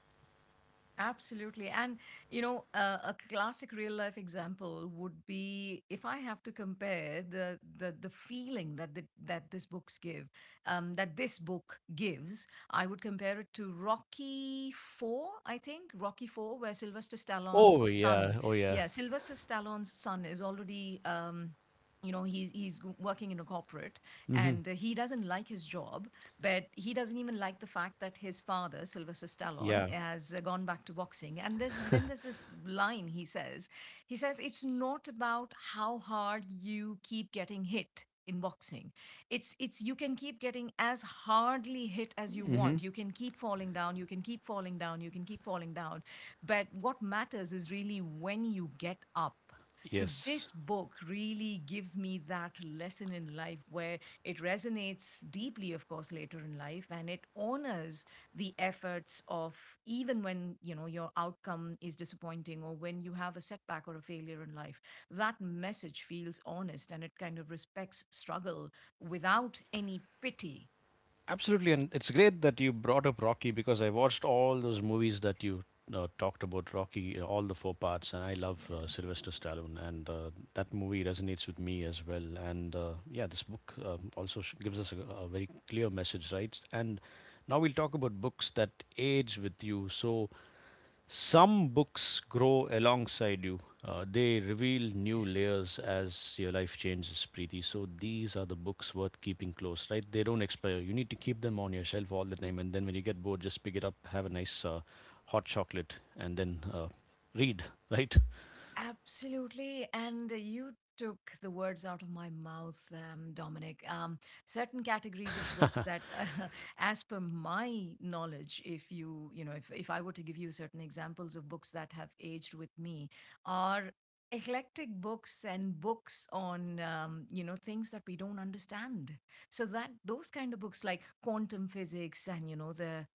Absolutely. And, you know, uh, a classic real life example would be, if I have to compare the the, the feeling that the, that this books give, um, that this book gives, I would compare it to Rocky Four, I think, Rocky Four, where Sylvester Stallone's Oh, son, yeah. Oh, yeah. yeah, Sylvester Stallone's son is already, um, you know, he's, he's g- working in a corporate, Hmm. and uh, he doesn't like his job. But he doesn't even like the fact that his father, Sylvester Yeah. Stallone, has uh, gone back to boxing. And there's, then there's this line he says. He says, it's not about how hard you keep getting hit in boxing. It's it's you can keep getting as hardly hit as you Hmm. want, you can keep falling down, you can keep falling down, you can keep falling down, but what matters is really when you get up. So, Yes. this book really gives me that lesson in life where it resonates deeply, of course, later in life, and it honors the efforts of, even when, you know, your outcome is disappointing or when you have a setback or a failure in life. That message feels honest, and it kind of respects struggle without any pity. Absolutely, and it's great that you brought up Rocky because I watched all those movies that you uh, talked about. Rocky, uh, all the four parts, and I Yeah. love uh, Yeah. Sylvester Stallone, and uh, that movie resonates with me as well. And uh, yeah, this book um, also sh- gives us a, a very clear message, right? And now we'll talk about books that age with you. So some books grow alongside you. Uh, they reveal new layers as your life changes, Preeti. So these are the books worth keeping close, right? They don't expire. You need to keep them on your shelf all the time, and then when you get bored, just pick it up, have a nice uh, hot chocolate, and then uh, read, right? Absolutely. And you took the words out of my mouth, um, Dominic. Um, certain categories of books that, uh, as per my knowledge, if you, you know, if, if I were to give you certain examples of books that have aged with me, are eclectic books and books on, um, you know, things that we don't understand. So that those kind of books like quantum physics, and, you know, the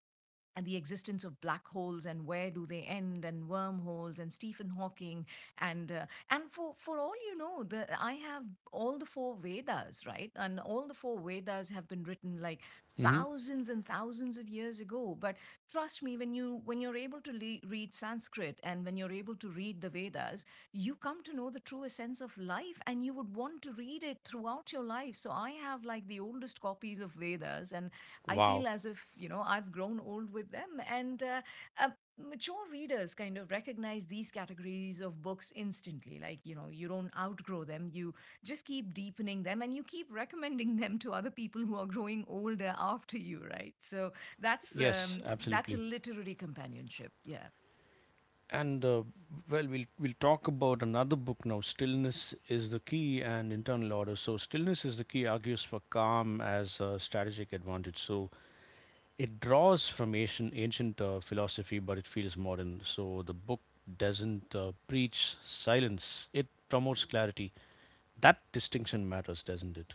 and the existence of black holes and where do they end, and wormholes and Stephen Hawking, and uh, and for for all you know, the, I have all the four Vedas, right? And all the four Vedas have been written like Hmm. thousands and thousands of years ago, but trust me, when you, when you're able to le- read Sanskrit, and when you're able to read the Vedas, you come to know the true essence of life, and you would want to read it throughout your life. So I have like the oldest copies of Vedas, and I Wow. feel as if, you know, I've grown old with them. And uh, uh, mature readers kind of recognize these categories of books instantly. Like, you know, you don't outgrow them, you just keep deepening them, and you keep recommending them to other people who are growing older after you, right? So that's, Yes, um, that's a absolutely. literary companionship. Yeah, And uh, well, we'll we'll talk about another book now. Stillness is the key and internal order. So Stillness Is the Key argues for calm as a strategic advantage. So it draws from ancient ancient uh, philosophy, but it feels modern. So the book doesn't uh, preach silence. It promotes clarity. That distinction matters, doesn't it?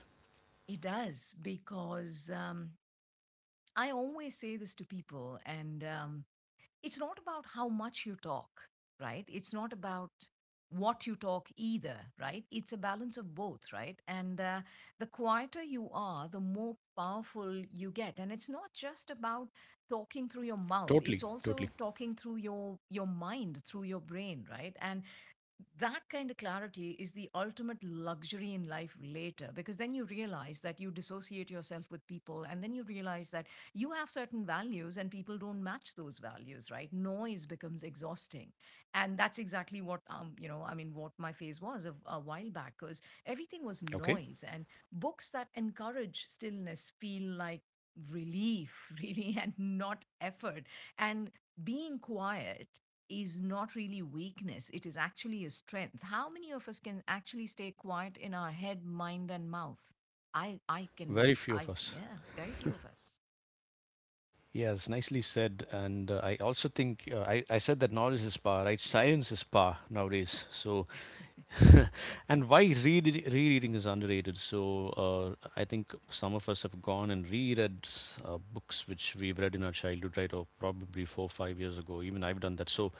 it does because. Um, I always say this to people, and, um, it's not about how much you talk, right? It's not about what you talk either, right? It's a balance of both, right? And uh, the quieter you are, the more powerful you get. And it's not just about talking through your mouth; Totally, it's totally. also talking through your your mind, through your brain, right? And that kind of clarity is the ultimate luxury in life later, because then you realize that you dissociate yourself with people, and then you realize that you have certain values and people don't match those values. Right, noise becomes exhausting, and that's exactly what, um you know, I mean what my phase was a, a while back, because everything was Okay. noise. And books that encourage stillness feel like relief, really, and not effort. And being quiet is not really weakness, it is actually a strength. How many of us can actually stay quiet in our head, mind, and mouth? I, I can, Very few I, of us. yeah, very few of us. Yes, nicely said. And uh, I also think uh, I, I said that knowledge is power, right? Science is power nowadays. So, and why read, rereading is underrated. So, uh, I think some of us have gone and reread uh, books which we've read in our childhood, right? Or probably four, five years ago. Even I've done that. So,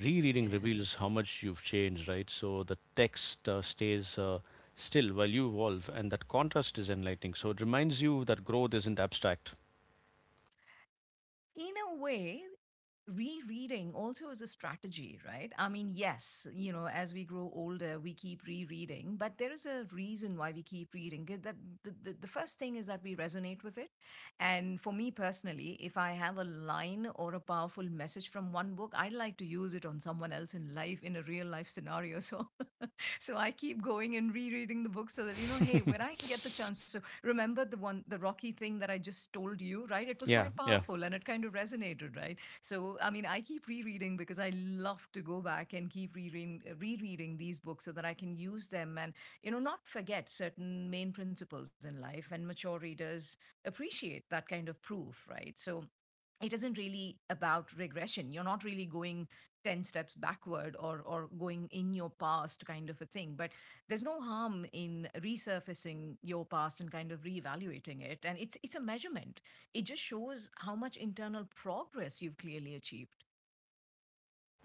rereading Yeah. reveals how much you've changed, right? So, the text uh, stays. Uh, Still, while you evolve, and that contrast is enlightening. So it reminds you that growth isn't abstract. In a way, rereading also is a strategy, right? I mean, yes, you know, as we grow older we keep rereading, but there is a reason why we keep reading. Th- that the, the, the first thing is that we resonate with it. And for me personally, if I have a line or a powerful message from one book, I like to use it on someone else in life in a real life scenario. So so I keep going and rereading the book, so that, you know, hey, when I get the chance to remember the one, the Rocky thing that I just told you, right? It was quite Yeah, yeah, powerful, and it kind of resonated, right? So, I mean, I keep rereading because I love to go back and keep rereading, uh, rereading these books so that I can use them and, you know, not forget certain main principles in life. And mature readers appreciate that kind of proof, right? So, it isn't really about regression, you're not really going ten steps backward, or or going in your past kind of a thing, but there's no harm in resurfacing your past and kind of reevaluating it, and it's it's a measurement. It just shows how much internal progress you've clearly achieved.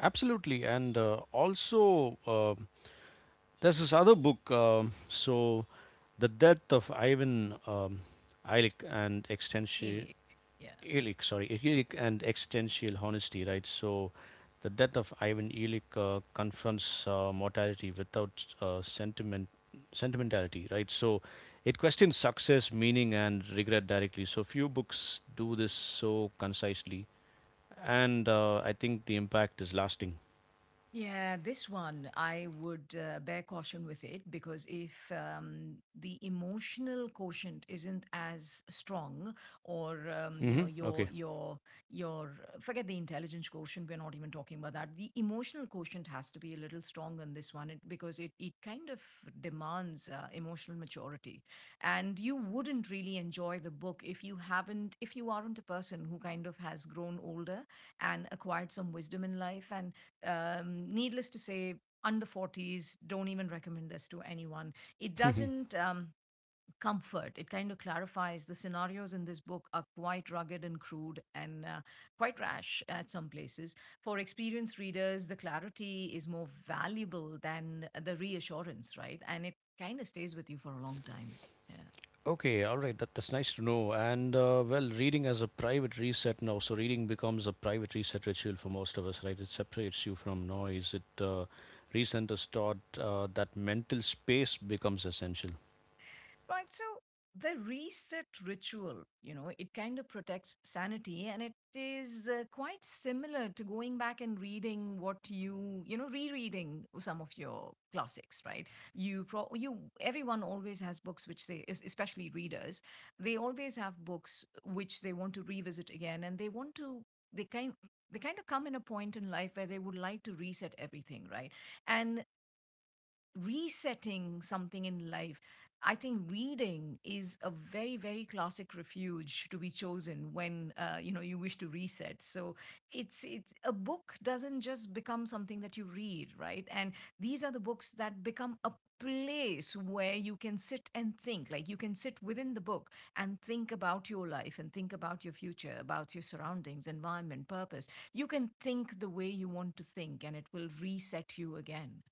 absolutely. And uh, also, uh, there's this other book. um so, the death of Ivan um, Illich and extension Really, yeah. Illich, sorry, Illich and existential honesty, right? So, The Death of Ivan Illich uh, confronts uh, mortality without uh, sentiment sentimentality, right? So, it questions success, meaning, and regret directly. So, few books do this so concisely, and uh, I think the impact is lasting. Yeah, this one I would uh, bear caution with it because if, um, the emotional quotient isn't as strong, or, um, you know, Mm-hmm. your Okay. your your uh, forget the intelligence quotient, we're not even talking about that. The emotional quotient has to be a little strong in this one it, because it it kind of demands uh, emotional maturity, and you wouldn't really enjoy the book if you haven't, if you aren't a person who kind of has grown older and acquired some wisdom in life, and, um, needless to say, under forties don't even recommend this to anyone. It doesn't, um, comfort, it kind of clarifies. The scenarios in this book are quite rugged and crude, and uh, quite rash at some places. For experienced readers, the clarity is more valuable than the reassurance, right? And it kind of stays with you for a long time. Yeah. Okay. All right. That, that's nice to know. And uh, well, reading as a private reset now. So reading becomes a private reset ritual for most of us, right? It separates you from noise. It uh, recenters thought. Uh, that mental space becomes essential. Right. So the reset ritual, you know, it kind of protects sanity, and it is uh, quite similar to going back and reading what you, you know, rereading some of your classics, right? You pro- you everyone always has books which they es- especially readers, they always have books which they want to revisit again, and they want to, they kind they kind of come in a point in life where they would like to reset everything, right? And resetting something in life. I think reading is a very, very classic refuge to be chosen when, uh, you know, you wish to reset. So it's it's a book doesn't just become something that you read, right? And these are the books that become a place where you can sit and think. Like you can sit within the book and think about your life, and think about your future, about your surroundings, environment, purpose. You can think the way you want to think, and it will reset you again.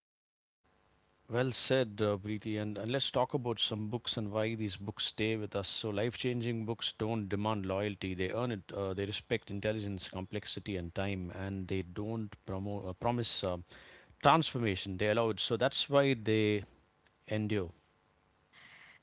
Well said, uh, Preeti. And, and let's talk about some books and why these books stay with us. So life-changing books don't demand loyalty. They earn it. Uh, they respect intelligence, complexity, and time, and they don't promo- uh, promise Uh, transformation, they allowed. So that's why they endure.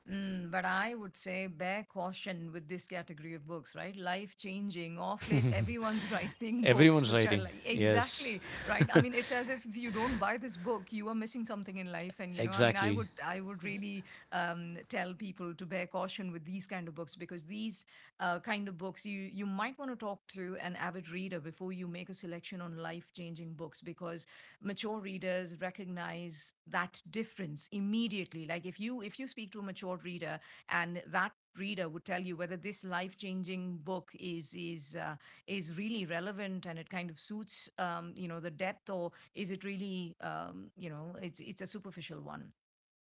Mm, but I would say bear caution with this category of books, right? Life changing. Off late, everyone's writing books Everyone's which are writing, like, yes, exactly, right? I mean, it's as if if you don't buy this book, you are missing something in life. And, you know, I mean, I exactly. would, I would really, um, tell people to bear caution with these kind of books, because these uh, kind of books, you, you might want to talk to an avid reader reader before you make a selection on life changing books, because mature readers recognize that difference immediately. Like, if you, if you speak to a mature reader, and that reader would tell you whether this life changing book is, is uh, is really relevant and it kind of suits, um, you know, the depth, or is it really, um, you know, it's it's a superficial one.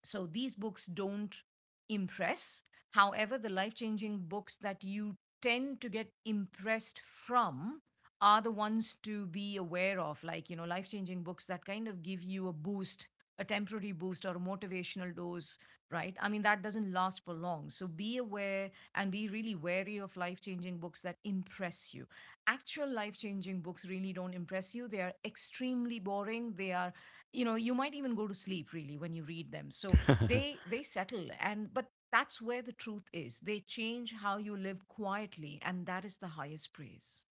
So these books don't impress. However, the life changing books that you tend to get impressed from are the ones to be aware of, like, you know, life changing books that kind of give you a boost, a temporary boost or a motivational dose, right? I mean, that doesn't last for long. So be aware and be really wary of life changing books that impress you. Actual life changing books really don't impress you. They are extremely boring. They are, you know, you might even go to sleep really when you read them. So they they settle, and but that's where the truth is. They change how you live quietly, and that is the highest praise.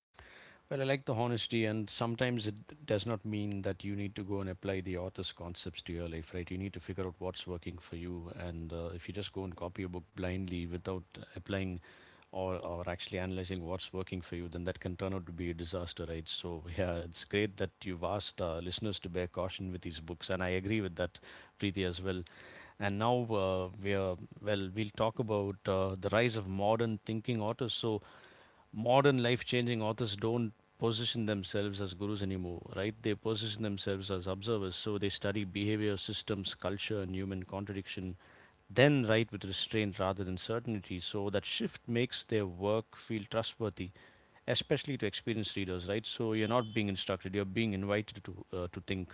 Well, I like the honesty, and sometimes it does not mean that you need to go and apply the author's concepts to your life, right? You need to figure out what's working for you, and uh, if you just go and copy a book blindly without applying or or actually analyzing what's working for you, then that can turn out to be a disaster, right? So yeah, it's great that you've asked uh, listeners to bear caution with these books, and I agree with that, Preeti, as well. And now uh, we are well, we'll talk about uh, the rise of modern thinking authors. So modern life changing authors don't position themselves as gurus anymore, right? They position themselves as observers. So they study behavior, systems, culture, and human contradiction, then write with restraint rather than certainty. So that shift makes their work feel trustworthy, especially to experienced readers, right? So you're not being instructed, you're being invited to, uh, to think.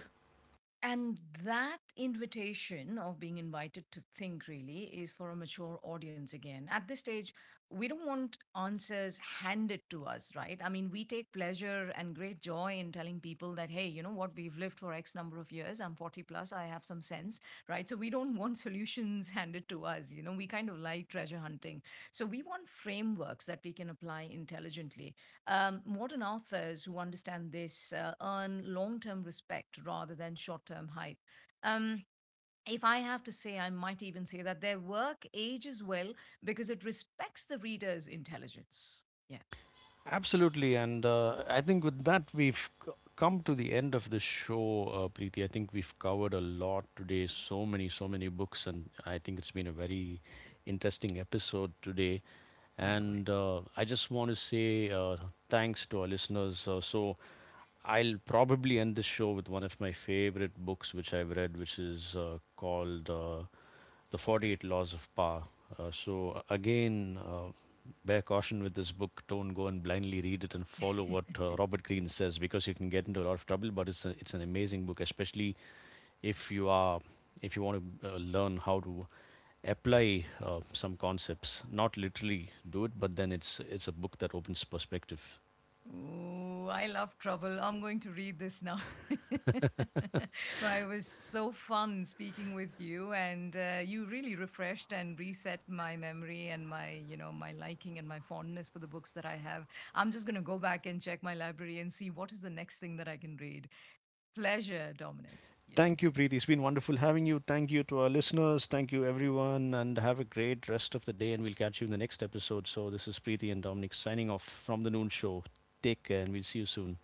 And that invitation of being invited to think really is for a mature audience again. At this stage, we don't want answers handed to us, right? I mean, we take pleasure and great joy in telling people that, hey, you know what, we've lived for X number of years. I'm forty plus, I have some sense, right? So we don't want solutions handed to us. You know, we kind of like treasure hunting. So we want frameworks that we can apply intelligently. Um, modern authors who understand this uh, earn long term respect rather than short term hype. Um, if I have to say, I might even say that their work ages well because it respects the reader's intelligence. Yeah, Absolutely, and uh, I think with that we've c- come to the end of the show, uh, Preeti. I think we've covered a lot today. So many, so many books, and I think it's been a very interesting episode today. And likewise. uh, I just want to say uh, thanks to our listeners. Uh, so I'll probably end this show with one of my favorite books which I've read, which is uh, called uh, the forty-eight Laws of Power. Uh, so again, uh, bear caution with this book. Don't go and blindly read it and follow what uh, Robert Greene says because you can get into a lot of trouble. But it's a, it's an amazing book, especially if you are if you want to uh, learn how to apply uh, some concepts. Not literally do it, but then it's it's a book that opens perspective. Ooh, I love trouble. I'm going to read this now. Well, it was so fun speaking with you, and uh, you really refreshed and reset my memory and my, you know, my liking and my fondness for the books that I have. I'm just going to go back and check my library and see what is the next thing that I can read. Pleasure, Dominic. Thank Yeah. you, Preeti. It's been wonderful having you. Thank you to our listeners. Thank you, everyone. And have a great rest of the day. And we'll catch you in the next episode. So, this is Preeti and Dominic signing off from The Noon Show. Take care, and we'll see you soon.